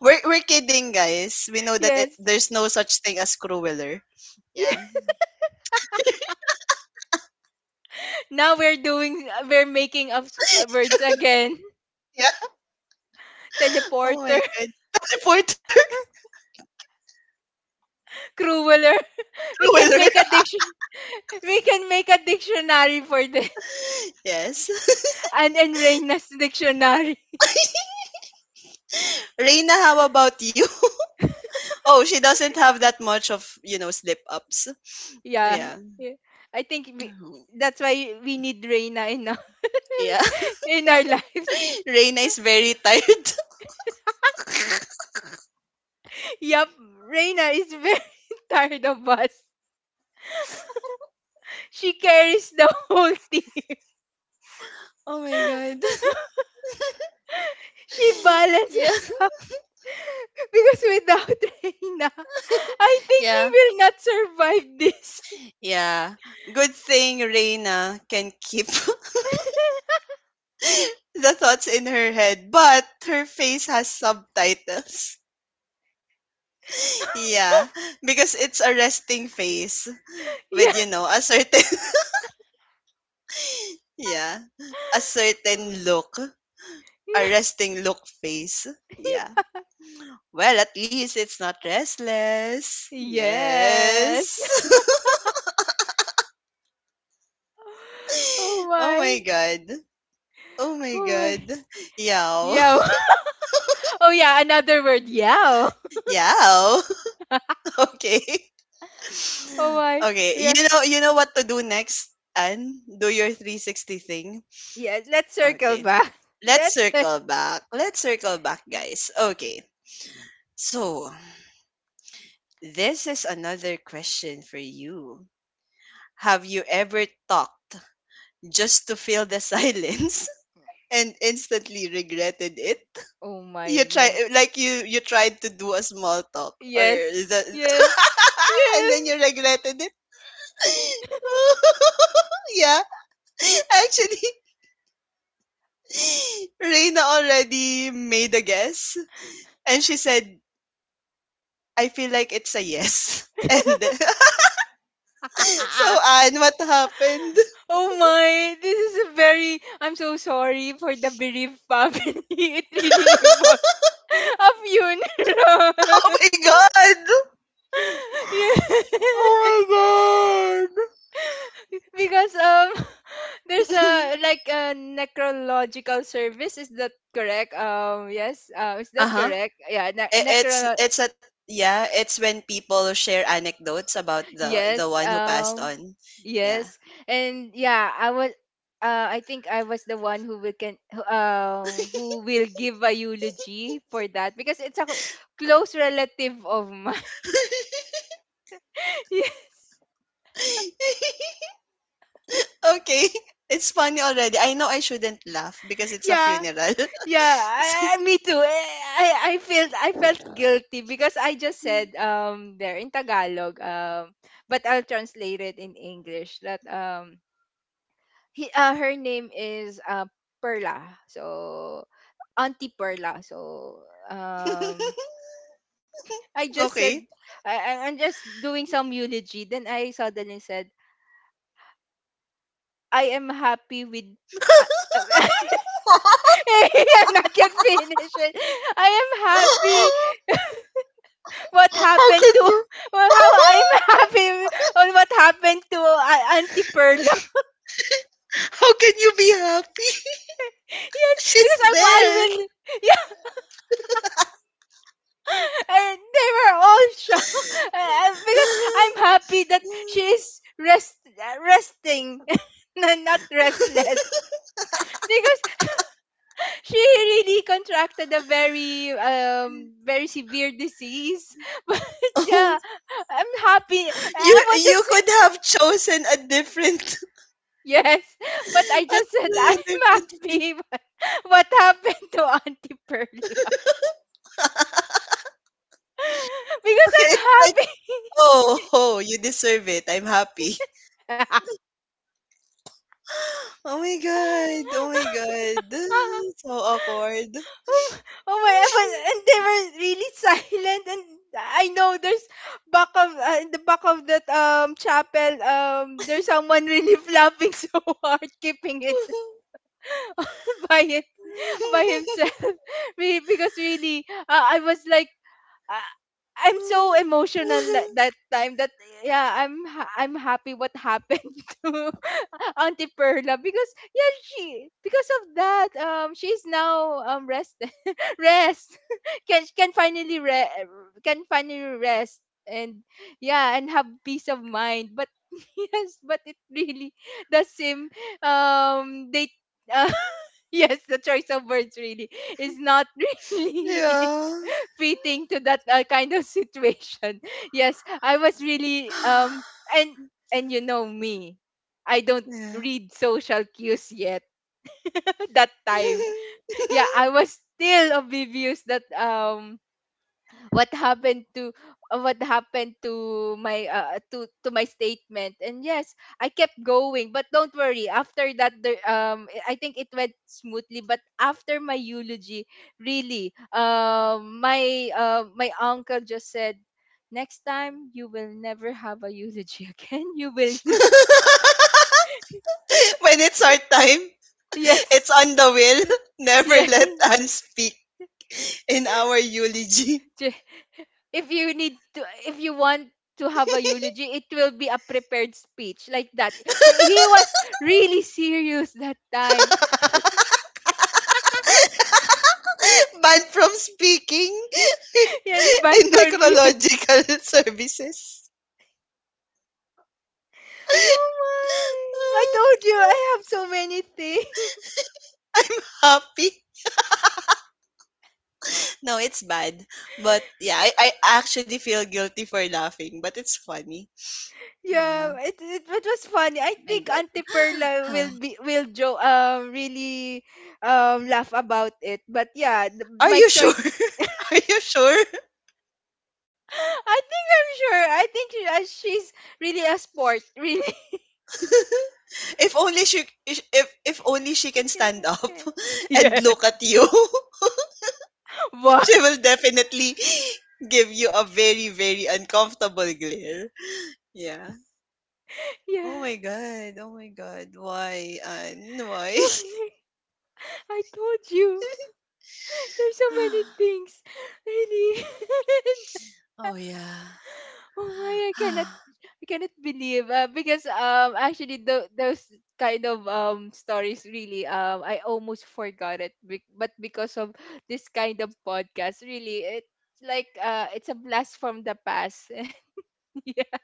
[SPEAKER 1] We're kidding, guys. We know that it,
[SPEAKER 2] Yes.
[SPEAKER 1] there's no such thing as crueler. Yeah.
[SPEAKER 2] *laughs* Now we're doing we're making up
[SPEAKER 1] *laughs*
[SPEAKER 2] words again.
[SPEAKER 1] Yeah.
[SPEAKER 2] *laughs*
[SPEAKER 1] Oh my
[SPEAKER 2] Teleporter.
[SPEAKER 1] god. Teleporter *laughs*
[SPEAKER 2] *laughs* Crueler. We can
[SPEAKER 1] crueler.
[SPEAKER 2] make a
[SPEAKER 1] *laughs*
[SPEAKER 2] diction we can make a dictionary for this.
[SPEAKER 1] Yes. *laughs*
[SPEAKER 2] And Reina's dictionary. *laughs*
[SPEAKER 1] Reina, how about you? *laughs* Oh, she doesn't have that much of, you know, slip ups.
[SPEAKER 2] Yeah.
[SPEAKER 1] Yeah.
[SPEAKER 2] Yeah. I think we,
[SPEAKER 1] Mhm.
[SPEAKER 2] that's why we need Reina in our,
[SPEAKER 1] Yeah.
[SPEAKER 2] *laughs* in our lives.
[SPEAKER 1] *laughs* Reina is very tired. *laughs*
[SPEAKER 2] *laughs* Yup. Reina is very *laughs* tired of us. She carries the whole team.
[SPEAKER 1] Oh my god.
[SPEAKER 2] *laughs* She
[SPEAKER 1] *laughs* Yeah.
[SPEAKER 2] balances out, *laughs* because without *laughs* Reina, I think we
[SPEAKER 1] Yeah.
[SPEAKER 2] will not survive this.
[SPEAKER 1] Yeah. Good thing Reina can keep *laughs* the thoughts in her head, but her face has subtitles. Yeah, because it's a resting face
[SPEAKER 2] *laughs* Yeah.
[SPEAKER 1] with, you know, a certain *laughs* yeah, a certain
[SPEAKER 2] *laughs*
[SPEAKER 1] look, a
[SPEAKER 2] Yeah.
[SPEAKER 1] resting look face. Yeah. Well, at least it's not restless.
[SPEAKER 2] Yes.
[SPEAKER 1] Yes.
[SPEAKER 2] *laughs* Oh
[SPEAKER 1] *laughs* Oh
[SPEAKER 2] my.
[SPEAKER 1] my god. Oh my
[SPEAKER 2] Oh my.
[SPEAKER 1] god. Yow.
[SPEAKER 2] Yo. *laughs* Oh yeah, another word. Yo.
[SPEAKER 1] *laughs* Yow.
[SPEAKER 2] *laughs*
[SPEAKER 1] *laughs* Okay.
[SPEAKER 2] Oh my.
[SPEAKER 1] Okay.
[SPEAKER 2] We are
[SPEAKER 1] You know, you know what to do next. And do your 360 thing.
[SPEAKER 2] Yeah, let's circle
[SPEAKER 1] Okay.
[SPEAKER 2] back. *laughs*
[SPEAKER 1] Let's
[SPEAKER 2] Let's cir-
[SPEAKER 1] circle back. Let's circle back, guys. Okay. So, this is another question for you. Have you ever talked just to fill the *laughs* silence and instantly regretted it?
[SPEAKER 2] Oh
[SPEAKER 1] You
[SPEAKER 2] my
[SPEAKER 1] try,
[SPEAKER 2] man.
[SPEAKER 1] like, you tried to do a small talk or
[SPEAKER 2] Yes.
[SPEAKER 1] the
[SPEAKER 2] Yes.
[SPEAKER 1] *laughs* and
[SPEAKER 2] Yes.
[SPEAKER 1] then you regretted it. *laughs* Yeah. Actually, *laughs* Reina already made a guess and she said, "I feel like it's a yes." *laughs* And *laughs* so,
[SPEAKER 2] *laughs*
[SPEAKER 1] Anne, what happened?
[SPEAKER 2] Oh my, this is a very I'm so sorry for the bereaved family. *laughs* It really involves *laughs* a
[SPEAKER 1] Oh
[SPEAKER 2] funeral.
[SPEAKER 1] my god!
[SPEAKER 2] *laughs* Yes.
[SPEAKER 1] Oh my god.
[SPEAKER 2] Because *laughs* there's a
[SPEAKER 1] *laughs*
[SPEAKER 2] like a necrological service, is that correct? Yes. Is that
[SPEAKER 1] Uh-huh.
[SPEAKER 2] correct? Yeah.
[SPEAKER 1] It's
[SPEAKER 2] Necro,
[SPEAKER 1] a yeah, it's when people share anecdotes about the
[SPEAKER 2] yes.
[SPEAKER 1] one who passed on. Yeah.
[SPEAKER 2] Yes. And yeah, I was, I think I was the one who will give a eulogy for that, because it's a close relative of mine. *laughs* Yes.
[SPEAKER 1] *laughs* Okay. It's funny already. I know I shouldn't laugh because it's a
[SPEAKER 2] Yeah.
[SPEAKER 1] funeral.
[SPEAKER 2] Yeah,
[SPEAKER 1] *laughs* So,
[SPEAKER 2] me too. Eh, I, I felt guilty because I just said, there in Tagalog, but I'll translate it in English that, he, her name is Perla. So, Auntie Perla. So um
[SPEAKER 1] *laughs*
[SPEAKER 2] I just
[SPEAKER 1] okay.
[SPEAKER 2] said, I'm just doing some eulogy. Then I suddenly said, I am happy with, uh, *laughs*
[SPEAKER 1] *laughs*
[SPEAKER 2] I'm not yet finished. I am happy what
[SPEAKER 1] How can
[SPEAKER 2] happened to
[SPEAKER 1] you?
[SPEAKER 2] *laughs* well, how I'm
[SPEAKER 1] *laughs*
[SPEAKER 2] *laughs* happy on what happened to, Auntie Perla. *laughs*
[SPEAKER 1] How can you be happy? *laughs*
[SPEAKER 2] Yes, because
[SPEAKER 1] She's
[SPEAKER 2] I
[SPEAKER 1] there.
[SPEAKER 2] will. *laughs* Yeah, and they were all shocked *laughs* because I'm
[SPEAKER 1] *sighs* *laughs*
[SPEAKER 2] happy that she is resting *laughs* and not restless, *laughs* because she really contracted a very very severe disease. *laughs* But
[SPEAKER 1] Oh,
[SPEAKER 2] yeah, I'm happy.
[SPEAKER 1] you
[SPEAKER 2] I want
[SPEAKER 1] you
[SPEAKER 2] to
[SPEAKER 1] could have chosen a different *laughs*
[SPEAKER 2] Yes, *laughs* but I
[SPEAKER 1] a
[SPEAKER 2] just said *laughs* I'm
[SPEAKER 1] totally different
[SPEAKER 2] happy.
[SPEAKER 1] thing.
[SPEAKER 2] But *laughs* what happened to Auntie Pearl?
[SPEAKER 1] *laughs*
[SPEAKER 2] *laughs* Because I'm
[SPEAKER 1] It's like,
[SPEAKER 2] happy.
[SPEAKER 1] oh, oh, you deserve it. I'm happy.
[SPEAKER 2] *laughs*
[SPEAKER 1] *gasps* *laughs* Oh my god. Oh my god. *sighs* *laughs* So awkward. *laughs*
[SPEAKER 2] Oh, oh my! And they were really silent, and I know there's back of in the back of that chapel, there's someone really flapping *laughs* so hard, keeping it *laughs* by it by himself. *laughs* Because really, I was like, I, I'm so emotional that, that time, that yeah, I'm happy. What happened *laughs* to Auntie Perla, because yeah, she because of that, she's now, rested, *laughs* rest, *laughs* can can finally re- can finally rest, and yeah, and have peace of mind. But *laughs* yes, but it really, the same, they, uh, *laughs* yes, the choice of words really is not *laughs* really
[SPEAKER 1] Yeah.
[SPEAKER 2] fitting to that, kind of situation. *laughs* Yes, I was really,
[SPEAKER 1] *sighs*
[SPEAKER 2] and and you know me. I don't
[SPEAKER 1] Yeah.
[SPEAKER 2] read social cues yet *laughs* that time. Yeah, I was still oblivious that, what happened to, what happened to my statement, and yes, I kept going. But don't worry, after that, the, I think it went smoothly. But after my eulogy, really, my uncle just said, next time you will never have a eulogy *laughs* again, you will.
[SPEAKER 1] *laughs* *laughs* When it's our time,
[SPEAKER 2] *laughs*
[SPEAKER 1] *laughs* it's
[SPEAKER 2] Yes,
[SPEAKER 1] on the will. *laughs* Never
[SPEAKER 2] yes.
[SPEAKER 1] let Anne speak in our eulogy. *laughs*
[SPEAKER 2] If you need to if you want to have a eulogy, it will be a prepared speech, like that. She, he was really serious that time.
[SPEAKER 1] Banned from speaking
[SPEAKER 2] *laughs* And bad
[SPEAKER 1] *laughs* in
[SPEAKER 2] for you.
[SPEAKER 1] necrological *laughs* services. *laughs*
[SPEAKER 2] Oh my, I told you, I have so many things. *laughs*
[SPEAKER 1] I'm happy. No, it's bad. But yeah, I actually feel guilty for laughing, but it's funny.
[SPEAKER 2] Yeah,
[SPEAKER 1] Yeah.
[SPEAKER 2] it was funny. I
[SPEAKER 1] My
[SPEAKER 2] think
[SPEAKER 1] God.
[SPEAKER 2] Auntie Perla
[SPEAKER 1] Huh.
[SPEAKER 2] will be will joe really laugh about it, but yeah,
[SPEAKER 1] Are
[SPEAKER 2] my
[SPEAKER 1] you sure?
[SPEAKER 2] choice.
[SPEAKER 1] *laughs* Are you sure?
[SPEAKER 2] *gasps* *laughs* I'm sure, I think she's really a sport, really.
[SPEAKER 1] *laughs* If only she if only she can stand up
[SPEAKER 2] *laughs*
[SPEAKER 1] *laughs* and
[SPEAKER 2] Yes.
[SPEAKER 1] look at you, *laughs*
[SPEAKER 2] Why?
[SPEAKER 1] she will definitely give you a very, very uncomfortable glare. Yeah.
[SPEAKER 2] Yeah.
[SPEAKER 1] Oh my god. Oh my god. Why? Anne?
[SPEAKER 2] *laughs*
[SPEAKER 1] Why?
[SPEAKER 2] Why? I told you. There's so many
[SPEAKER 1] *sighs*
[SPEAKER 2] things. Really.
[SPEAKER 1] Oh
[SPEAKER 2] *laughs*
[SPEAKER 1] yeah.
[SPEAKER 2] Oh my,
[SPEAKER 1] *sighs*
[SPEAKER 2] I cannot believe, because actually, those kind of stories, really, I almost forgot it, but because of this kind of podcast, really it's like, it's a blast from the past. *laughs* Yeah,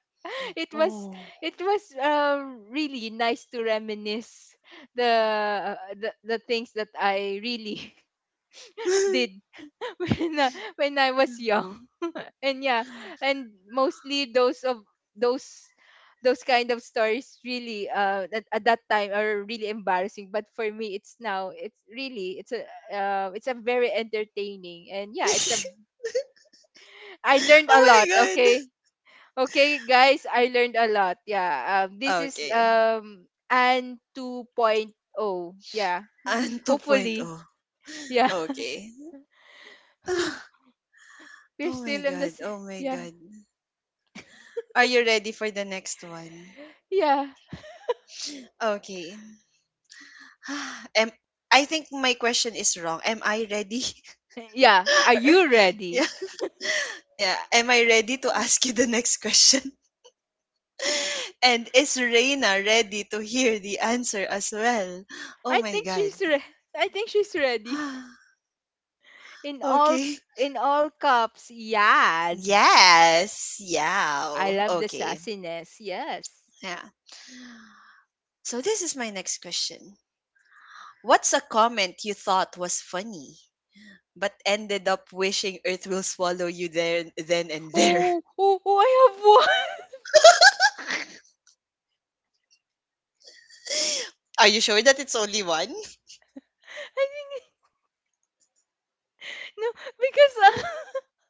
[SPEAKER 2] it was
[SPEAKER 1] Oh.
[SPEAKER 2] it was really nice to reminisce the the things that I really *laughs*
[SPEAKER 1] *laughs*
[SPEAKER 2] did, *laughs* when when I was young, *laughs* and yeah, and mostly those of those those kind of stories, really, at that time are really embarrassing, but for me, it's now, it's a very entertaining, and yeah, it's a I learned a
[SPEAKER 1] Oh
[SPEAKER 2] lot.
[SPEAKER 1] my god.
[SPEAKER 2] Okay. Okay, guys, I learned a lot. Yeah. This is,
[SPEAKER 1] Okay.
[SPEAKER 2] and 2.0. Yeah.
[SPEAKER 1] Anne 2.0.
[SPEAKER 2] Hopefully. Yeah.
[SPEAKER 1] Okay. *sighs* Oh
[SPEAKER 2] *laughs* We're
[SPEAKER 1] my
[SPEAKER 2] still on
[SPEAKER 1] god. Oh my
[SPEAKER 2] yeah.
[SPEAKER 1] god. Are you ready for the next one?
[SPEAKER 2] Yeah.
[SPEAKER 1] Okay. *sighs* Am I think my question is wrong. Am I ready? *laughs*
[SPEAKER 2] Yeah. Are
[SPEAKER 1] Or-
[SPEAKER 2] you ready?
[SPEAKER 1] yeah, yeah. Am I ready to ask you the next question? *laughs* And is Reina ready to hear the answer as well? Oh
[SPEAKER 2] I
[SPEAKER 1] my
[SPEAKER 2] think
[SPEAKER 1] god.
[SPEAKER 2] she's re- I think she's ready.
[SPEAKER 1] *gasps*
[SPEAKER 2] *laughs* In
[SPEAKER 1] *sighs*
[SPEAKER 2] all
[SPEAKER 1] Okay.
[SPEAKER 2] in all cups. Yes.
[SPEAKER 1] Yes.
[SPEAKER 2] I
[SPEAKER 1] Yeah.
[SPEAKER 2] love the
[SPEAKER 1] Okay.
[SPEAKER 2] sassiness. Yes.
[SPEAKER 1] Yeah. So this is my next question. What's a comment you thought was funny but ended up wishing Earth will swallow you there then and there?
[SPEAKER 2] Oh, oh, oh, I have one.
[SPEAKER 1] *laughs* Are you sure that it's only one?
[SPEAKER 2] *laughs* I think. No, because, uh,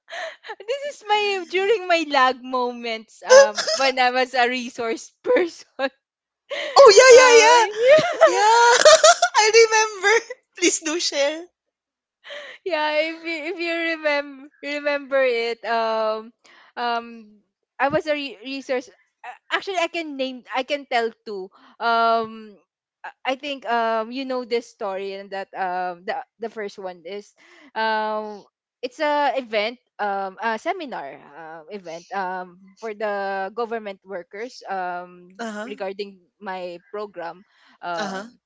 [SPEAKER 2] *laughs* this is my during my lag moments,
[SPEAKER 1] *laughs*
[SPEAKER 2] when I was a resource person. *laughs*
[SPEAKER 1] Oh,
[SPEAKER 2] Uh, *laughs*
[SPEAKER 1] yeah, yeah, yeah. Yeah. *laughs* I remember. *laughs* Please do share.
[SPEAKER 2] yeah, if you remember it, um, I was a resource. Actually, I can name. I can tell too. Um, I think you know this story and that the first one is, um, it's a event, a seminar event for the government workers,
[SPEAKER 1] Uh-huh.
[SPEAKER 2] regarding my program
[SPEAKER 1] Uh-huh.
[SPEAKER 2] um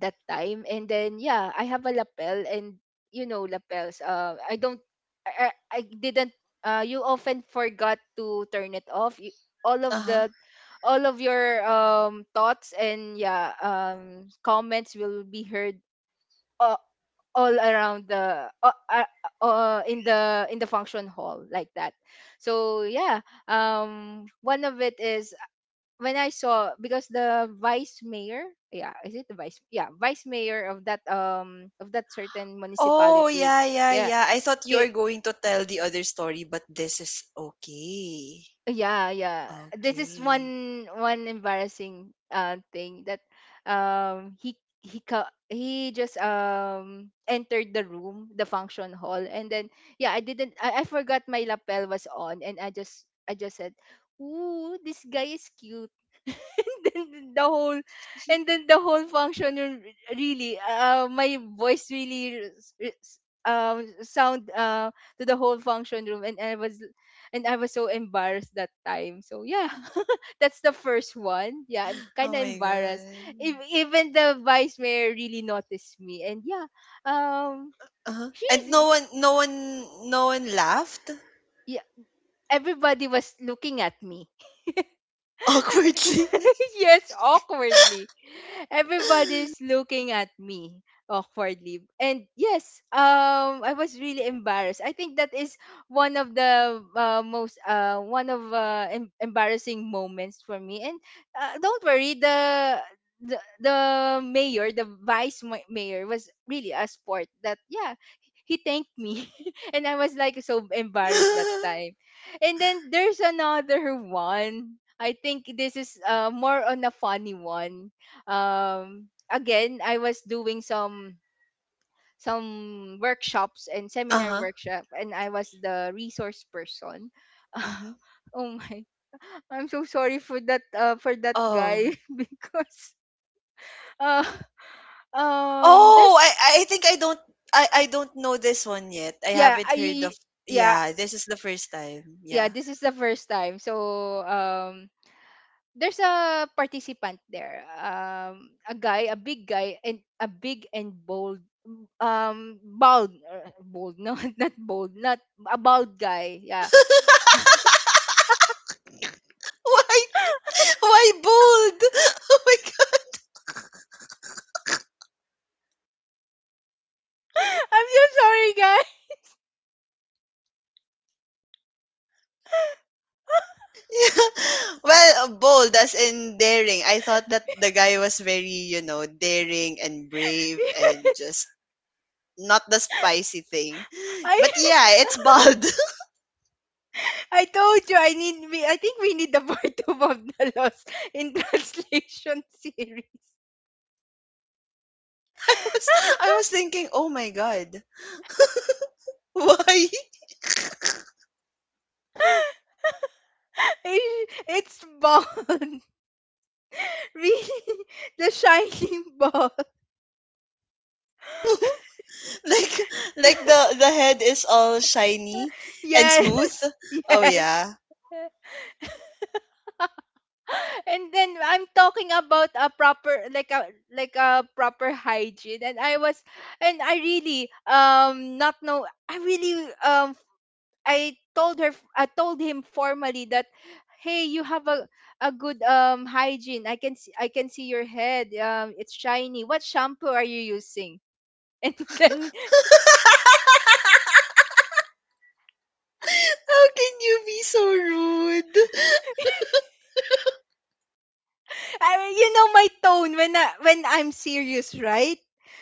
[SPEAKER 2] that time. And then yeah, I have a lapel, and you know lapels, I don't, I didn't. You often forgot to turn it off, you, all of
[SPEAKER 1] Uh-huh.
[SPEAKER 2] the all of your thoughts and yeah comments will be heard uh, all around the in the in the function hall like that. So yeah, one of it is when I saw, because the vice mayor, yeah, is it the vice? Yeah, vice mayor of that certain
[SPEAKER 1] Oh,
[SPEAKER 2] municipality,
[SPEAKER 1] yeah, yeah,
[SPEAKER 2] yeah,
[SPEAKER 1] yeah. I thought you are going to tell the other story, but this is okay.
[SPEAKER 2] yeah, this is
[SPEAKER 1] Okay.
[SPEAKER 2] one one embarrassing thing that he he just entered the room, the function hall, and then yeah, I didn't, I forgot my lapel was on, and I just said, "Ooh, this guy is cute." *laughs* And then the whole and then the whole function room, really, my voice really sound to the whole function room, and I was so embarrassed that time. So yeah, *laughs* that's the first one. Yeah, I'm kind
[SPEAKER 1] Oh
[SPEAKER 2] of
[SPEAKER 1] my
[SPEAKER 2] embarrassed.
[SPEAKER 1] god.
[SPEAKER 2] If, even the vice mayor really noticed me, and yeah, um,
[SPEAKER 1] Uh-huh. And
[SPEAKER 2] she's
[SPEAKER 1] no one, no one laughed
[SPEAKER 2] yeah, everybody was looking at me.
[SPEAKER 1] awkwardly.
[SPEAKER 2] *laughs* Yes, awkwardly. Everybody's looking at me awkwardly. And yes, I was really embarrassed. I think that is one of the most embarrassing moments for me. And don't worry, the mayor, the mayor was really a sport. That yeah, he thanked me, *laughs* and I was like so embarrassed that
[SPEAKER 1] *laughs*
[SPEAKER 2] time. And then there's another one. I think this is more on a funny one. Again, I was doing some workshops and seminar
[SPEAKER 1] Uh-huh.
[SPEAKER 2] workshop, and I was the resource person.
[SPEAKER 1] Hmm.
[SPEAKER 2] *laughs* Oh my! I'm so sorry for that
[SPEAKER 1] Oh.
[SPEAKER 2] guy, *laughs* because uh,
[SPEAKER 1] Oh,
[SPEAKER 2] there's,
[SPEAKER 1] I think I don't, I don't know this one yet. I
[SPEAKER 2] yeah
[SPEAKER 1] haven't
[SPEAKER 2] I
[SPEAKER 1] heard of
[SPEAKER 2] yeah
[SPEAKER 1] yeah, this is the first time.
[SPEAKER 2] yeah,
[SPEAKER 1] Yeah.
[SPEAKER 2] this is the first time. So um there's a participant there, a guy, a big guy, and a big and bold, bald, bold no, *laughs* not bold, not a bald guy, yeah.
[SPEAKER 1] *laughs* Why why bold? *laughs* Oh my god. *laughs*
[SPEAKER 2] *laughs* I'm so sorry guy.
[SPEAKER 1] Yeah. Well, bold as in daring. I thought that the guy was very, you know, daring and brave and just
[SPEAKER 2] *laughs*
[SPEAKER 1] not the spicy thing. *gasps* But
[SPEAKER 2] I
[SPEAKER 1] yeah, it's bold.
[SPEAKER 2] *laughs* I told you, I think we need the *laughs* part two of the lost in translation *laughs* series.
[SPEAKER 1] *laughs* I
[SPEAKER 2] *laughs*
[SPEAKER 1] was, I was thinking, "Oh my god. Why?"
[SPEAKER 2] It- it's bald. *laughs* Really, the shining *laughs* ball.
[SPEAKER 1] *laughs* *laughs* like like the head is all shiny and
[SPEAKER 2] Yes.
[SPEAKER 1] smooth. Oh
[SPEAKER 2] Yes.
[SPEAKER 1] yeah.
[SPEAKER 2] And then I'm talking about a proper, like a proper hygiene, and I was, and I really not know, I really I told her I told him formally that, "Hey, you have a good hygiene. I can see, I can see your head, it's shiny. What shampoo are you using?" *laughs* Then
[SPEAKER 1] *laughs* How can you be so rude?
[SPEAKER 2] I, you know my tone when I'm serious, right?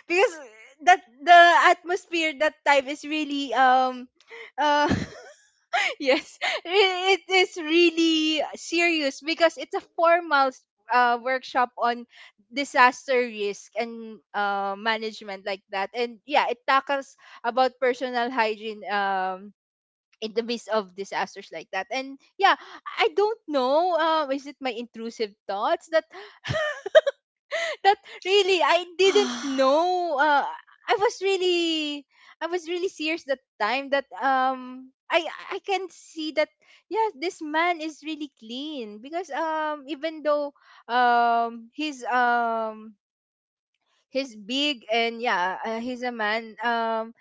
[SPEAKER 2] Because that the atmosphere that time is really uh *laughs* yes, it is really serious, because it's a formal workshop on disaster risk and management like that. And yeah, it tackles about personal hygiene in the midst of disasters like that. And yeah, I don't know. Is it my intrusive thoughts that that really I didn't
[SPEAKER 1] *sighs*
[SPEAKER 2] know. I was really, I was really serious that time that I can see that, yeah, this man is really clean because even though um he's um he's big, and yeah, he's a man,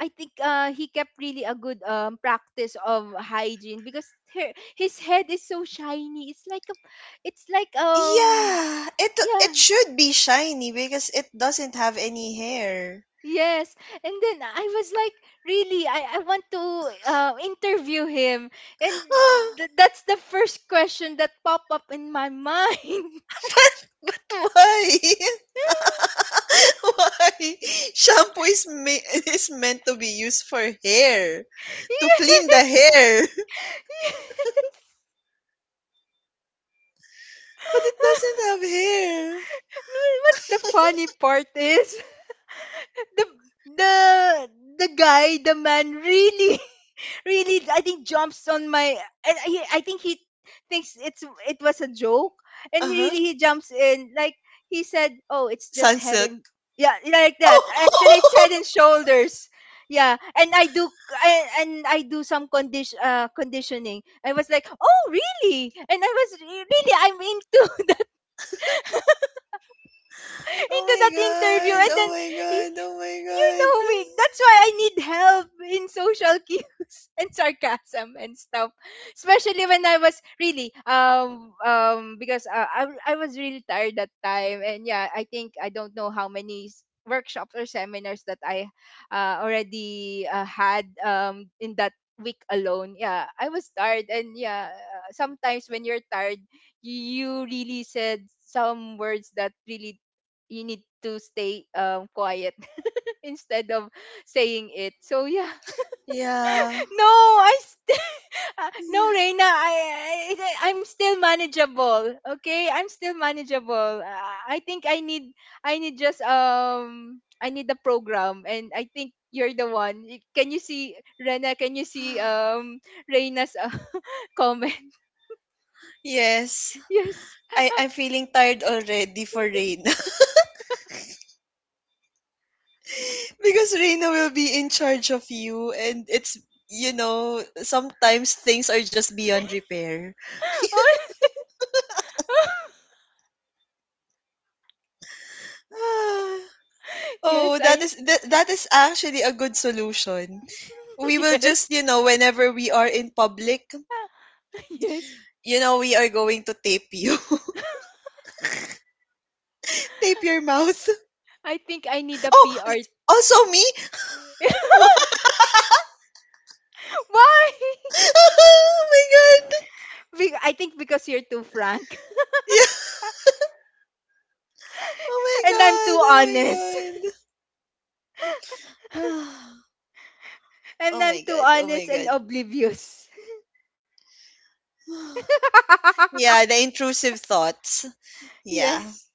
[SPEAKER 2] I think he kept really a good practice of hygiene, because her, his head is so shiny. It's like a, it's like
[SPEAKER 1] Yeah, it
[SPEAKER 2] yeah.
[SPEAKER 1] it should be shiny because it doesn't have any hair.
[SPEAKER 2] Yes. And then I was like, really, I want to interview him. And
[SPEAKER 1] *gasps* But
[SPEAKER 2] that's the first question that popped up in my mind. *laughs* Yes.
[SPEAKER 1] why? *laughs* Why? Shampoo is is meant to be used for hair to clean the hair,
[SPEAKER 2] *laughs*
[SPEAKER 1] *laughs* but it doesn't have hair.
[SPEAKER 2] What's the funny part is, *laughs* the the the guy, the man really really, I think, jumps on my, and he, I think he thinks it's, it was a joke, and
[SPEAKER 1] Uh
[SPEAKER 2] really
[SPEAKER 1] huh.
[SPEAKER 2] he jumps in like he said, "Oh, it's just head and,"
[SPEAKER 1] Sunsilk.
[SPEAKER 2] yeah, like that. Actually, it's
[SPEAKER 1] Oh!
[SPEAKER 2] Head and
[SPEAKER 1] *laughs*
[SPEAKER 2] Shoulders. Yeah. And I do I, and I do some condition conditioning. I was like, "Oh really?" And I was really, I'm into *laughs* that,
[SPEAKER 1] Oh
[SPEAKER 2] into
[SPEAKER 1] my
[SPEAKER 2] that interview.
[SPEAKER 1] god!
[SPEAKER 2] And
[SPEAKER 1] Oh
[SPEAKER 2] then
[SPEAKER 1] my
[SPEAKER 2] he,
[SPEAKER 1] god! Oh my
[SPEAKER 2] you
[SPEAKER 1] god!
[SPEAKER 2] know me, that's why I need help in social cues *laughs* and sarcasm and stuff. Especially when I was really because I was really tired that time, and yeah, I think I don't know how many workshops or seminars that I already had in that week alone. Yeah, I was tired, and yeah, sometimes when you're tired, you really said some words that really you need to stay quiet *laughs* instead of saying it. So yeah,
[SPEAKER 1] Yeah.
[SPEAKER 2] *laughs* no, I st- *laughs* no
[SPEAKER 1] Yeah.
[SPEAKER 2] Reina, I'm still manageable. Okay, I'm still manageable. I think I need just I need the program, and I think you're the one. Can you see Rena? Can you see Reina's *laughs* comment? *laughs*
[SPEAKER 1] Yes.
[SPEAKER 2] Yes.
[SPEAKER 1] I, I'm feeling tired already for Reina. *laughs* Because Reina will be in charge of you and it's, you know, sometimes things are just beyond repair. *sighs*
[SPEAKER 2] *laughs* Oh. *laughs*
[SPEAKER 1] Ah. Oh,
[SPEAKER 2] Yes,
[SPEAKER 1] that
[SPEAKER 2] I.
[SPEAKER 1] is that, that is actually a good solution. We
[SPEAKER 2] *laughs*
[SPEAKER 1] will
[SPEAKER 2] Yes.
[SPEAKER 1] just, you know, whenever we are in public,
[SPEAKER 2] *laughs* Yes.
[SPEAKER 1] you know, we are going to tape you. *laughs* Tape your mouth.
[SPEAKER 2] I think I need a
[SPEAKER 1] Oh,
[SPEAKER 2] PR.
[SPEAKER 1] also me? *laughs*
[SPEAKER 2] *laughs* Why?
[SPEAKER 1] Oh my god.
[SPEAKER 2] *laughs* I think because you're too frank.
[SPEAKER 1] Yeah.
[SPEAKER 2] And I'm too
[SPEAKER 1] Oh my god.
[SPEAKER 2] honest.
[SPEAKER 1] Oh my god. *sighs*
[SPEAKER 2] *laughs* And
[SPEAKER 1] Oh
[SPEAKER 2] I'm
[SPEAKER 1] my
[SPEAKER 2] too
[SPEAKER 1] god. Oh my
[SPEAKER 2] honest and
[SPEAKER 1] god.
[SPEAKER 2] oblivious.
[SPEAKER 1] *sighs*
[SPEAKER 2] *laughs*
[SPEAKER 1] Yeah, the intrusive thoughts. Yeah.
[SPEAKER 2] Yes.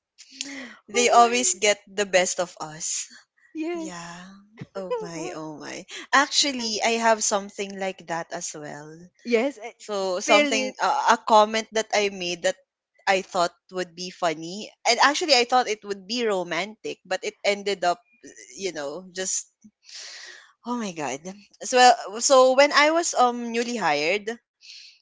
[SPEAKER 2] Oh
[SPEAKER 1] They always
[SPEAKER 2] my.
[SPEAKER 1] get the best of us.
[SPEAKER 2] Yes.
[SPEAKER 1] Yeah. Oh my,
[SPEAKER 2] *laughs*
[SPEAKER 1] oh my. Actually, I have something like that as well.
[SPEAKER 2] Yes. I-
[SPEAKER 1] So
[SPEAKER 2] Spill it.
[SPEAKER 1] something, a comment that I made that I thought would be funny and actually I thought it would be romantic but it ended up, you know, just oh my god. So so when I was newly hired,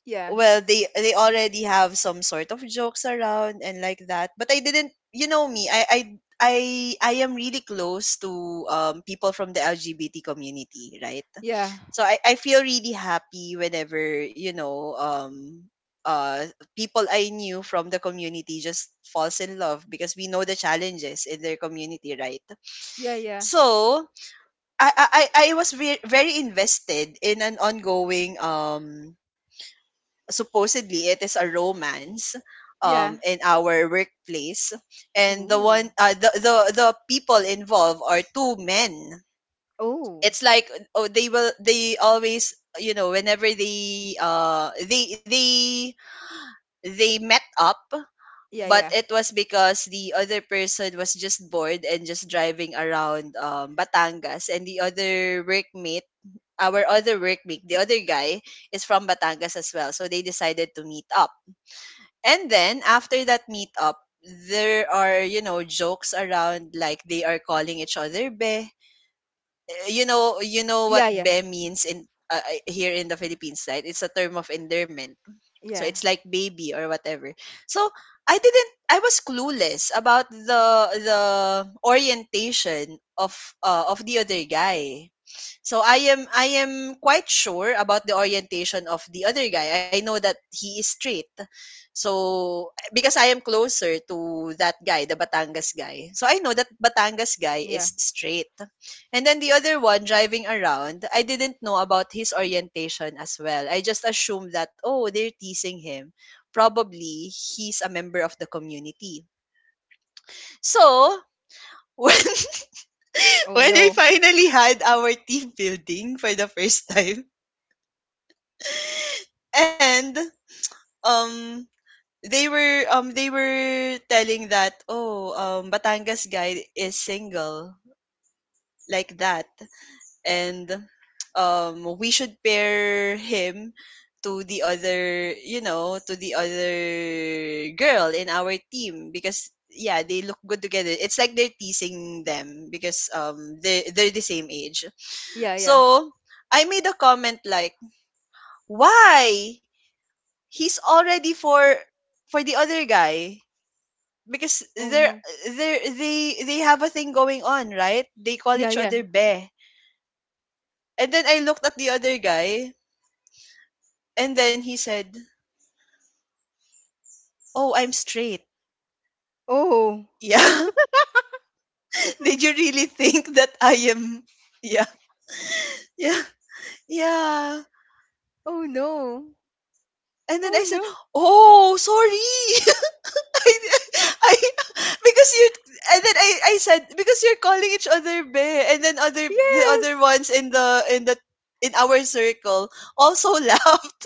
[SPEAKER 2] Yeah.
[SPEAKER 1] well, they already have some sort of jokes around and like that, but I didn't, you know me, I I am really close to, people from the lgbt community, right?
[SPEAKER 2] Yeah.
[SPEAKER 1] So I feel really happy whenever, you know, uh people I knew from the community just falls in love because we know the challenges in their community, right?
[SPEAKER 2] Yeah. Yeah.
[SPEAKER 1] So I I was very invested in an ongoing, um, supposedly it is a romance,
[SPEAKER 2] Yeah.
[SPEAKER 1] um, in our workplace, and the
[SPEAKER 2] Ooh.
[SPEAKER 1] one, the people involved are two men.
[SPEAKER 2] Oh.
[SPEAKER 1] It's like, oh, they will, they always, you know, whenever they, they met up,
[SPEAKER 2] Yeah.
[SPEAKER 1] but
[SPEAKER 2] Yeah.
[SPEAKER 1] it was because the other person was just bored and just driving around, Batangas, and the other workmate, our other workmate, the other guy, is from Batangas as well, so they decided to meet up, and then after that meetup, there are, you know, jokes around, like they are calling each other be. You know what
[SPEAKER 2] Yeah. Yeah.
[SPEAKER 1] be means in, here in the Philippines, right? It's a term of endearment. So
[SPEAKER 2] Yeah.
[SPEAKER 1] it's like baby or whatever. So I didn't, I was clueless about the orientation of, of the other guy. So I am, I am quite sure about the orientation of the other guy. I know that he is straight. So because I am closer to that guy, the Batangas guy. So I know that Batangas guy
[SPEAKER 2] Yeah.
[SPEAKER 1] is straight. And then the other one driving around, I didn't know about his orientation as well. I just assumed that oh, they're teasing him. Probably he's a member of the community. So when *laughs*
[SPEAKER 2] Oh
[SPEAKER 1] when we
[SPEAKER 2] no.
[SPEAKER 1] finally had our team building for the first time, and um they were telling that oh Batangas guy is single like that and we should pair him to the other to the other girl in our team because yeah, they look good together. It's like they're teasing them because they're they're the same age.
[SPEAKER 2] Yeah. Yeah.
[SPEAKER 1] So I made a comment like, why, he's already for the other guy because
[SPEAKER 2] Oh
[SPEAKER 1] they're
[SPEAKER 2] no.
[SPEAKER 1] they they they have a thing going on, right? They call
[SPEAKER 2] Yeah.
[SPEAKER 1] each
[SPEAKER 2] Yeah.
[SPEAKER 1] other be. And then I looked at the other guy and then he said, "Oh, I'm straight."
[SPEAKER 2] Oh.
[SPEAKER 1] Yeah. *laughs* Did you really think that I am Yeah. Yeah. Yeah.
[SPEAKER 2] Oh no.
[SPEAKER 1] And then I
[SPEAKER 2] Oh
[SPEAKER 1] said,
[SPEAKER 2] no.
[SPEAKER 1] "Oh, sorry." *laughs* I, I, because you and then I said because you're calling each other bae, and then other the other
[SPEAKER 2] Yes.
[SPEAKER 1] ones in the in our circle also *laughs* laughed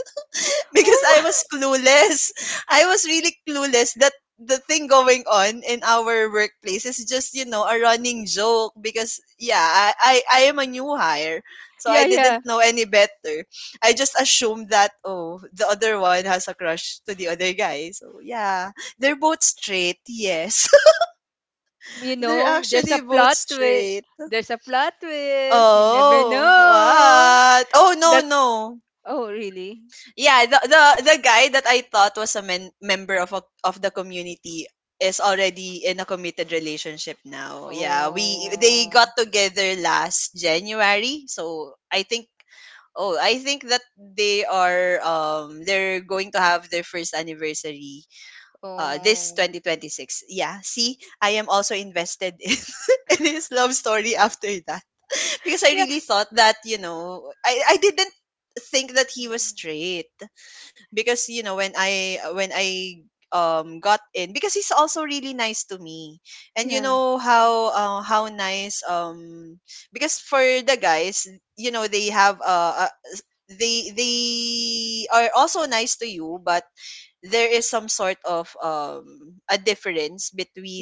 [SPEAKER 1] *laughs* because I
[SPEAKER 2] Oh.
[SPEAKER 1] was clueless. *laughs* I was really clueless that the thing going on in our workplace is just, you know, a running joke because yeah, I am a new hire.
[SPEAKER 2] *laughs*
[SPEAKER 1] So I
[SPEAKER 2] Yeah. Yeah.
[SPEAKER 1] didn't know any better. I just assumed that oh, the other one has a crush to the other guy. So yeah, they're both straight. Yes.
[SPEAKER 2] You
[SPEAKER 1] *laughs* They're
[SPEAKER 2] know, there's a
[SPEAKER 1] actually both
[SPEAKER 2] plot twist.
[SPEAKER 1] straight.
[SPEAKER 2] There's a plot twist. You never
[SPEAKER 1] Oh,
[SPEAKER 2] know.
[SPEAKER 1] what? Oh no,
[SPEAKER 2] That's,
[SPEAKER 1] no.
[SPEAKER 2] oh really?
[SPEAKER 1] Yeah, the guy that I thought was a member of the community is already in a committed relationship now. Yeah, we they got
[SPEAKER 2] Oh.
[SPEAKER 1] together last January. So I think, oh, I think that they are they're going to have their first anniversary this
[SPEAKER 2] Oh
[SPEAKER 1] 2026. Yeah, see, I am also invested in, *laughs* in his love story after that because I
[SPEAKER 2] yeah.
[SPEAKER 1] really thought that, you know, I didn't think that he was straight. Because you know when I got in, because he's also really nice to me. And you
[SPEAKER 2] Yeah.
[SPEAKER 1] know how nice because for the guys, you know, they have they are also nice to you, but there is some sort of a difference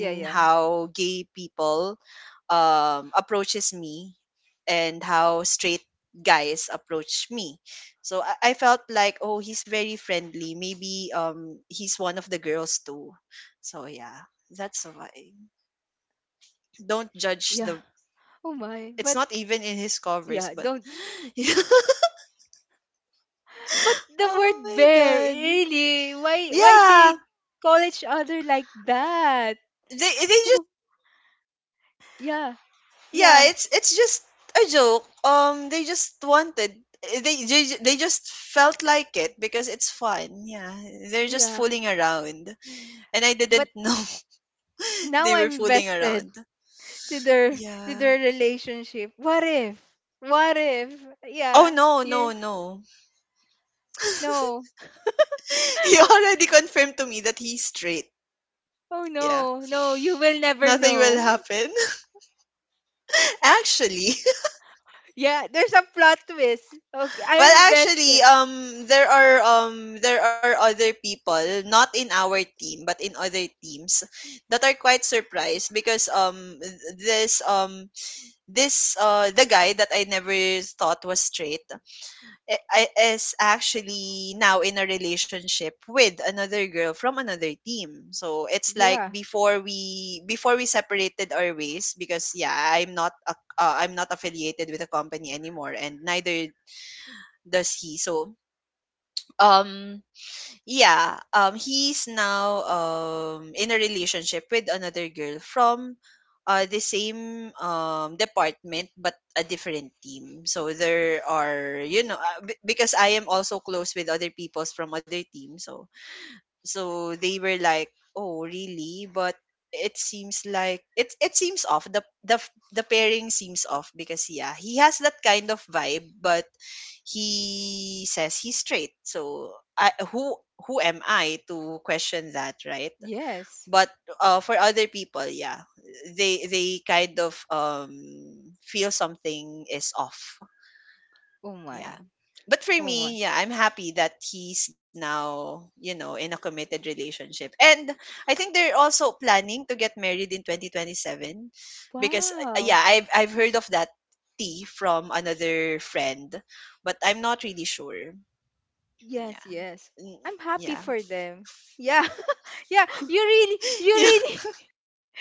[SPEAKER 2] Yeah. Yeah.
[SPEAKER 1] how gay people approaches me and how straight guys approach me. So I felt like, oh, he's very friendly. Maybe he's one of the girls too. So yeah, that's why.
[SPEAKER 2] Yeah.
[SPEAKER 1] Don't judge the.
[SPEAKER 2] Oh my! But
[SPEAKER 1] It's not even in his
[SPEAKER 2] yeah, don't.
[SPEAKER 1] covers, but *laughs*
[SPEAKER 2] But the
[SPEAKER 1] oh
[SPEAKER 2] word
[SPEAKER 1] my
[SPEAKER 2] bear,
[SPEAKER 1] god,
[SPEAKER 2] really? Why
[SPEAKER 1] yeah.
[SPEAKER 2] they call each other like that?
[SPEAKER 1] They
[SPEAKER 2] Yeah
[SPEAKER 1] yeah,
[SPEAKER 2] yeah
[SPEAKER 1] it's just a joke. They just wanted they just felt like it because it's fun. Yeah, they're just
[SPEAKER 2] yeah.
[SPEAKER 1] fooling around and I didn't
[SPEAKER 2] But
[SPEAKER 1] know. *laughs*
[SPEAKER 2] now
[SPEAKER 1] They were
[SPEAKER 2] I'm
[SPEAKER 1] fooling
[SPEAKER 2] invested.
[SPEAKER 1] around.
[SPEAKER 2] To their to
[SPEAKER 1] Yeah.
[SPEAKER 2] their relationship. What if? What if?
[SPEAKER 1] Oh
[SPEAKER 2] Yeah.
[SPEAKER 1] no, no,
[SPEAKER 2] You
[SPEAKER 1] no.
[SPEAKER 2] no.
[SPEAKER 1] *laughs* He already confirmed to me that he's straight.
[SPEAKER 2] Oh
[SPEAKER 1] Yeah,
[SPEAKER 2] no, no, you will never
[SPEAKER 1] nothing will
[SPEAKER 2] know. *laughs*
[SPEAKER 1] happen. *laughs* Actually,
[SPEAKER 2] Yeah, there's a plot twist. Okay,
[SPEAKER 1] well,
[SPEAKER 2] I'm
[SPEAKER 1] actually,
[SPEAKER 2] invested.
[SPEAKER 1] there are other people, not in our team, but in other teams, that are quite surprised because this this the guy that I never thought was straight, is actually now in a relationship with another girl from another team. So it's like,
[SPEAKER 2] Yeah.
[SPEAKER 1] before we separated our ways because yeah, I'm not affiliated with the company anymore, and neither does he. So um yeah, he's now in a relationship with another girl from the same department but a different team. So there are, you know, because I am also close with other peoples from other teams. So, so they were like, oh really, but it seems like it seems off. The pairing seems off because yeah, he has that kind of vibe, but he says he's straight. So I, who am I to question that, right?
[SPEAKER 2] Yes.
[SPEAKER 1] But for other people, yeah, they kind of feel something is off.
[SPEAKER 2] Oh
[SPEAKER 1] Yeah.
[SPEAKER 2] my.
[SPEAKER 1] But for
[SPEAKER 2] Oh my.
[SPEAKER 1] me, yeah, I'm happy that he's now, you know, in a committed relationship. And I think they're also planning to get married in 2027 because yeah,
[SPEAKER 2] Wow.
[SPEAKER 1] I've heard of that tea from another friend, but I'm not really sure. Yeah.
[SPEAKER 2] Yes, yes.
[SPEAKER 1] Mm,
[SPEAKER 2] I'm happy
[SPEAKER 1] yeah.
[SPEAKER 2] for them. Yeah. *laughs* Yeah,
[SPEAKER 1] *laughs*
[SPEAKER 2] you
[SPEAKER 1] Yeah.
[SPEAKER 2] really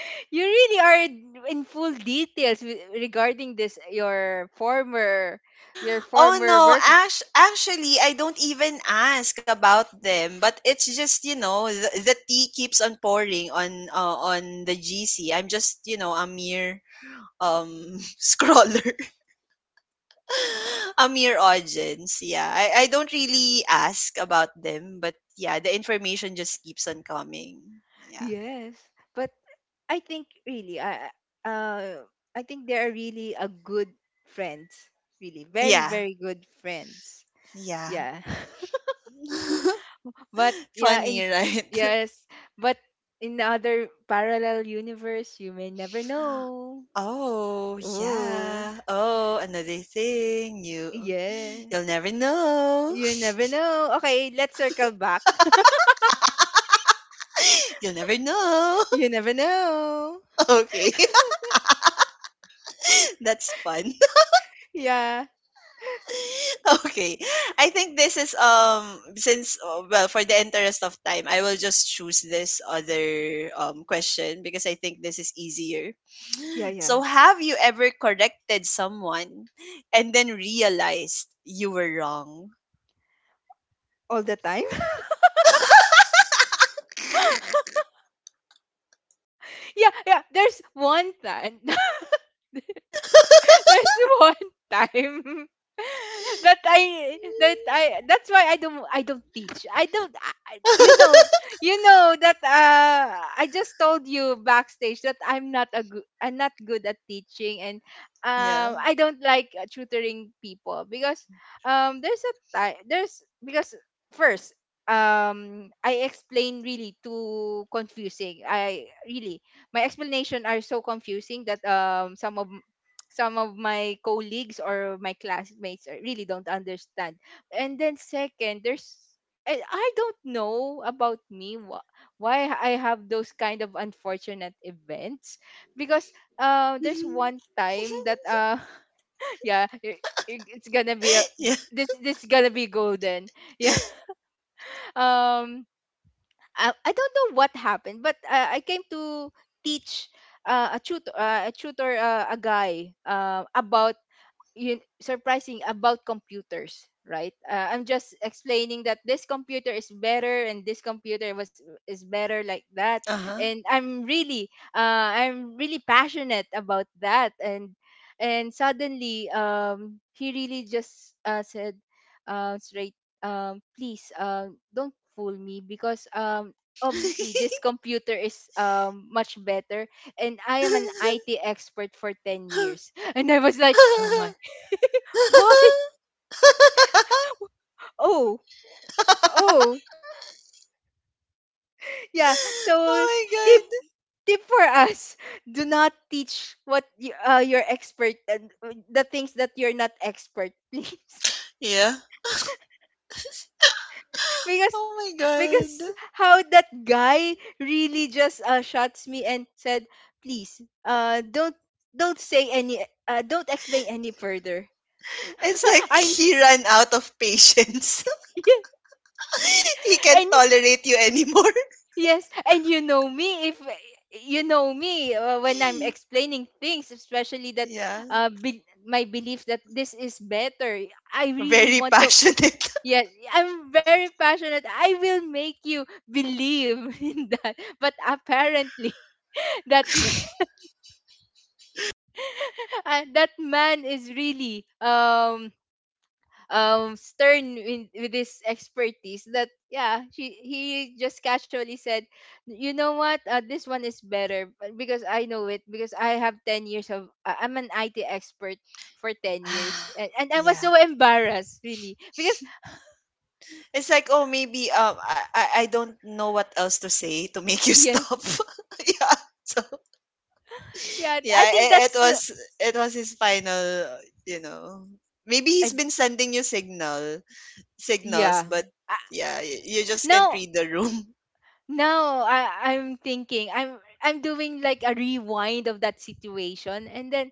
[SPEAKER 2] *laughs* you really are in full details with, regarding this your former your
[SPEAKER 1] Oh
[SPEAKER 2] former.
[SPEAKER 1] no, Ash, actually I don't even ask about them, but it's just, you know, the tea keeps on pouring on the GC. I'm just, you know, a mere *laughs* scroller. *laughs* A mere audience. Yeah. I don't really ask about them, but yeah, the information just keeps on coming. Yeah.
[SPEAKER 2] Yes, but I think really, I- uh, I think they are really a good friends. Really, very
[SPEAKER 1] Yeah.
[SPEAKER 2] very good friends.
[SPEAKER 1] Yeah.
[SPEAKER 2] Yeah, *laughs*
[SPEAKER 1] *laughs*
[SPEAKER 2] but yeah, in
[SPEAKER 1] Funny, right?
[SPEAKER 2] yes, but in other parallel universe, you may never
[SPEAKER 1] *laughs*
[SPEAKER 2] know.
[SPEAKER 1] Oh,
[SPEAKER 2] Oh,
[SPEAKER 1] yeah. Oh, another thing,
[SPEAKER 2] yeah,
[SPEAKER 1] you'll never know.
[SPEAKER 2] you never know. Okay, let's circle back. *laughs*
[SPEAKER 1] *laughs* You'll never know.
[SPEAKER 2] You
[SPEAKER 1] *laughs*
[SPEAKER 2] never know.
[SPEAKER 1] Okay. *laughs* That's fun. *laughs*
[SPEAKER 2] Yeah,
[SPEAKER 1] Okay. I think this is since well, for the interest of time, I will just choose this other question because I think this is easier.
[SPEAKER 2] yeah,
[SPEAKER 1] So,
[SPEAKER 2] yeah.
[SPEAKER 1] have you ever corrected someone and then realized you were wrong?
[SPEAKER 2] All the time. *laughs* Yeah, yeah. There's one time. *laughs* *laughs* There's one time *laughs* that I that's why I don't teach. I don't I- You
[SPEAKER 1] *laughs*
[SPEAKER 2] know, you know that I just told you backstage that I'm not good at teaching. And
[SPEAKER 1] Yeah.
[SPEAKER 2] I don't like tutoring people, because there's a time, there's because first I explain really too confusing. I really, my explanation are so confusing that some of my colleagues or my classmates really don't understand. And then second, there's I don't know about me why I have those kind of unfortunate events because there's one
[SPEAKER 1] *laughs*
[SPEAKER 2] time that *laughs* yeah, it's gonna be a,
[SPEAKER 1] Yeah.
[SPEAKER 2] this is gonna be golden. *laughs* Yeah, um I don't know what happened, but I came to teach a guy about, you surprising, about computers, right? I'm just explaining that this computer is better and this computer was is better, like that.
[SPEAKER 1] Uh-huh.
[SPEAKER 2] And I'm really I'm really passionate about that. And suddenly he really just said straight, "Please, don't fool me, because obviously
[SPEAKER 1] *laughs*
[SPEAKER 2] this computer is much better, and
[SPEAKER 1] *laughs*
[SPEAKER 2] I am an
[SPEAKER 1] Oh
[SPEAKER 2] IT expert for 10 years." *laughs* And I was like, oh my, why? *laughs* Oh, oh, yeah. So
[SPEAKER 1] my
[SPEAKER 2] tip,
[SPEAKER 1] god.
[SPEAKER 2] tip for us: *laughs* do not teach what you, you're expert the things that you're not expert, *laughs* please.
[SPEAKER 1] Yeah.
[SPEAKER 2] because
[SPEAKER 1] Oh my god.
[SPEAKER 2] because how that guy really just shots me and said, "Please, uh, don't don't say any, don't explain any further."
[SPEAKER 1] It's
[SPEAKER 2] *laughs*
[SPEAKER 1] like
[SPEAKER 2] I
[SPEAKER 1] he ran out of patience.
[SPEAKER 2] *laughs*
[SPEAKER 1] *laughs* He can't
[SPEAKER 2] and
[SPEAKER 1] tolerate you anymore.
[SPEAKER 2] yes, and you know me, if you know me when I'm
[SPEAKER 1] *laughs*
[SPEAKER 2] explaining things, especially that
[SPEAKER 1] Yeah.
[SPEAKER 2] my belief that this is better, I really
[SPEAKER 1] Very
[SPEAKER 2] want to.
[SPEAKER 1] passionate.
[SPEAKER 2] Yes, I'm very passionate, I will make you believe *laughs* in that. But apparently, *laughs* that man, *laughs* that man is really stern in, with his expertise, that yeah, she he just casually said, "You know what, this one is better, because I know it, because I have 10 years of, I'm an IT expert for 10 years." And
[SPEAKER 1] *sighs*
[SPEAKER 2] I was
[SPEAKER 1] Yeah.
[SPEAKER 2] so embarrassed really because
[SPEAKER 1] It's like, oh, maybe I don't know what else to say to make
[SPEAKER 2] *laughs*
[SPEAKER 1] you
[SPEAKER 2] yes,
[SPEAKER 1] stop. *laughs* Yeah. So,
[SPEAKER 2] yeah, I
[SPEAKER 1] yeah,
[SPEAKER 2] think
[SPEAKER 1] it
[SPEAKER 2] that's the
[SPEAKER 1] was his final, you know. Maybe
[SPEAKER 2] I,
[SPEAKER 1] he's been sending you signals,
[SPEAKER 2] yeah.
[SPEAKER 1] but yeah, you just can't
[SPEAKER 2] Now
[SPEAKER 1] read the room. *laughs*
[SPEAKER 2] now I I'm thinking I'm doing like a rewind of that situation, and then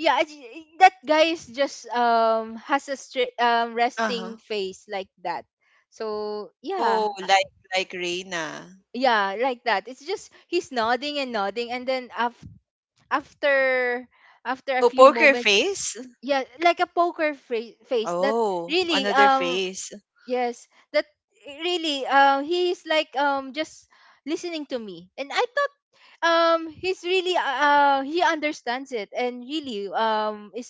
[SPEAKER 2] yeah, it's, that guy is just has a straight resting
[SPEAKER 1] Uh-huh.
[SPEAKER 2] face like that. So yeah,
[SPEAKER 1] Oh, like Reina.
[SPEAKER 2] yeah, like that. It's just he's nodding and nodding, and then after after a
[SPEAKER 1] Oh,
[SPEAKER 2] few
[SPEAKER 1] poker
[SPEAKER 2] moments,
[SPEAKER 1] face?
[SPEAKER 2] yeah, like a face. That
[SPEAKER 1] Oh,
[SPEAKER 2] really
[SPEAKER 1] another face.
[SPEAKER 2] yes, that really he's like just listening to me, and I thought he's really he understands it and really is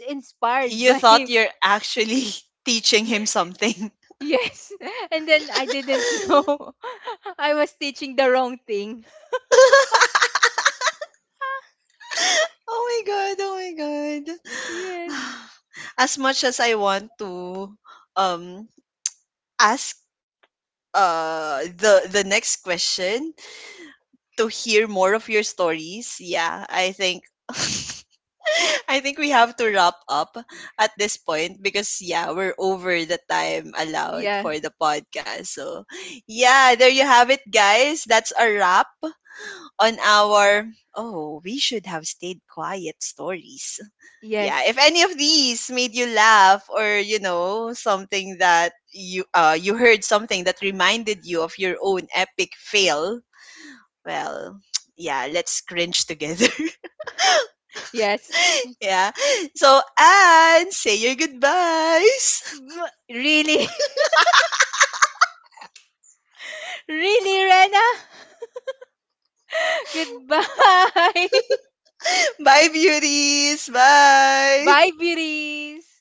[SPEAKER 2] inspired
[SPEAKER 1] You
[SPEAKER 2] by.
[SPEAKER 1] thought
[SPEAKER 2] *laughs*
[SPEAKER 1] you're actually *laughs* teaching him something. *laughs*
[SPEAKER 2] Yes. *laughs* And then I didn't know *laughs* I was teaching the wrong thing.
[SPEAKER 1] Oh my god, oh my god. *sighs*
[SPEAKER 2] Yes.
[SPEAKER 1] As much as I want to um ask the next question to hear more of your stories, yeah, I think *laughs* I think we have to wrap up at this point because yeah, we're over the time allowed
[SPEAKER 2] Yeah.
[SPEAKER 1] for the podcast. So yeah, there you have it, guys. That's a wrap on our, oh, we should have stayed quiet stories. Yeah, if
[SPEAKER 2] Yes.
[SPEAKER 1] any of these made you laugh or, you know, something that you you heard something that reminded you of your own epic fail, well, *tsk* yeah, let's cringe together.
[SPEAKER 2] Yes.
[SPEAKER 1] *laughs* Yeah. So, and say your goodbyes.
[SPEAKER 2] Mm, really? *laughs* Really, Rena? *laughs* Goodbye.
[SPEAKER 1] *laughs* Bye beauties,
[SPEAKER 2] *laughs* Bye,
[SPEAKER 1] bye.
[SPEAKER 2] Biris.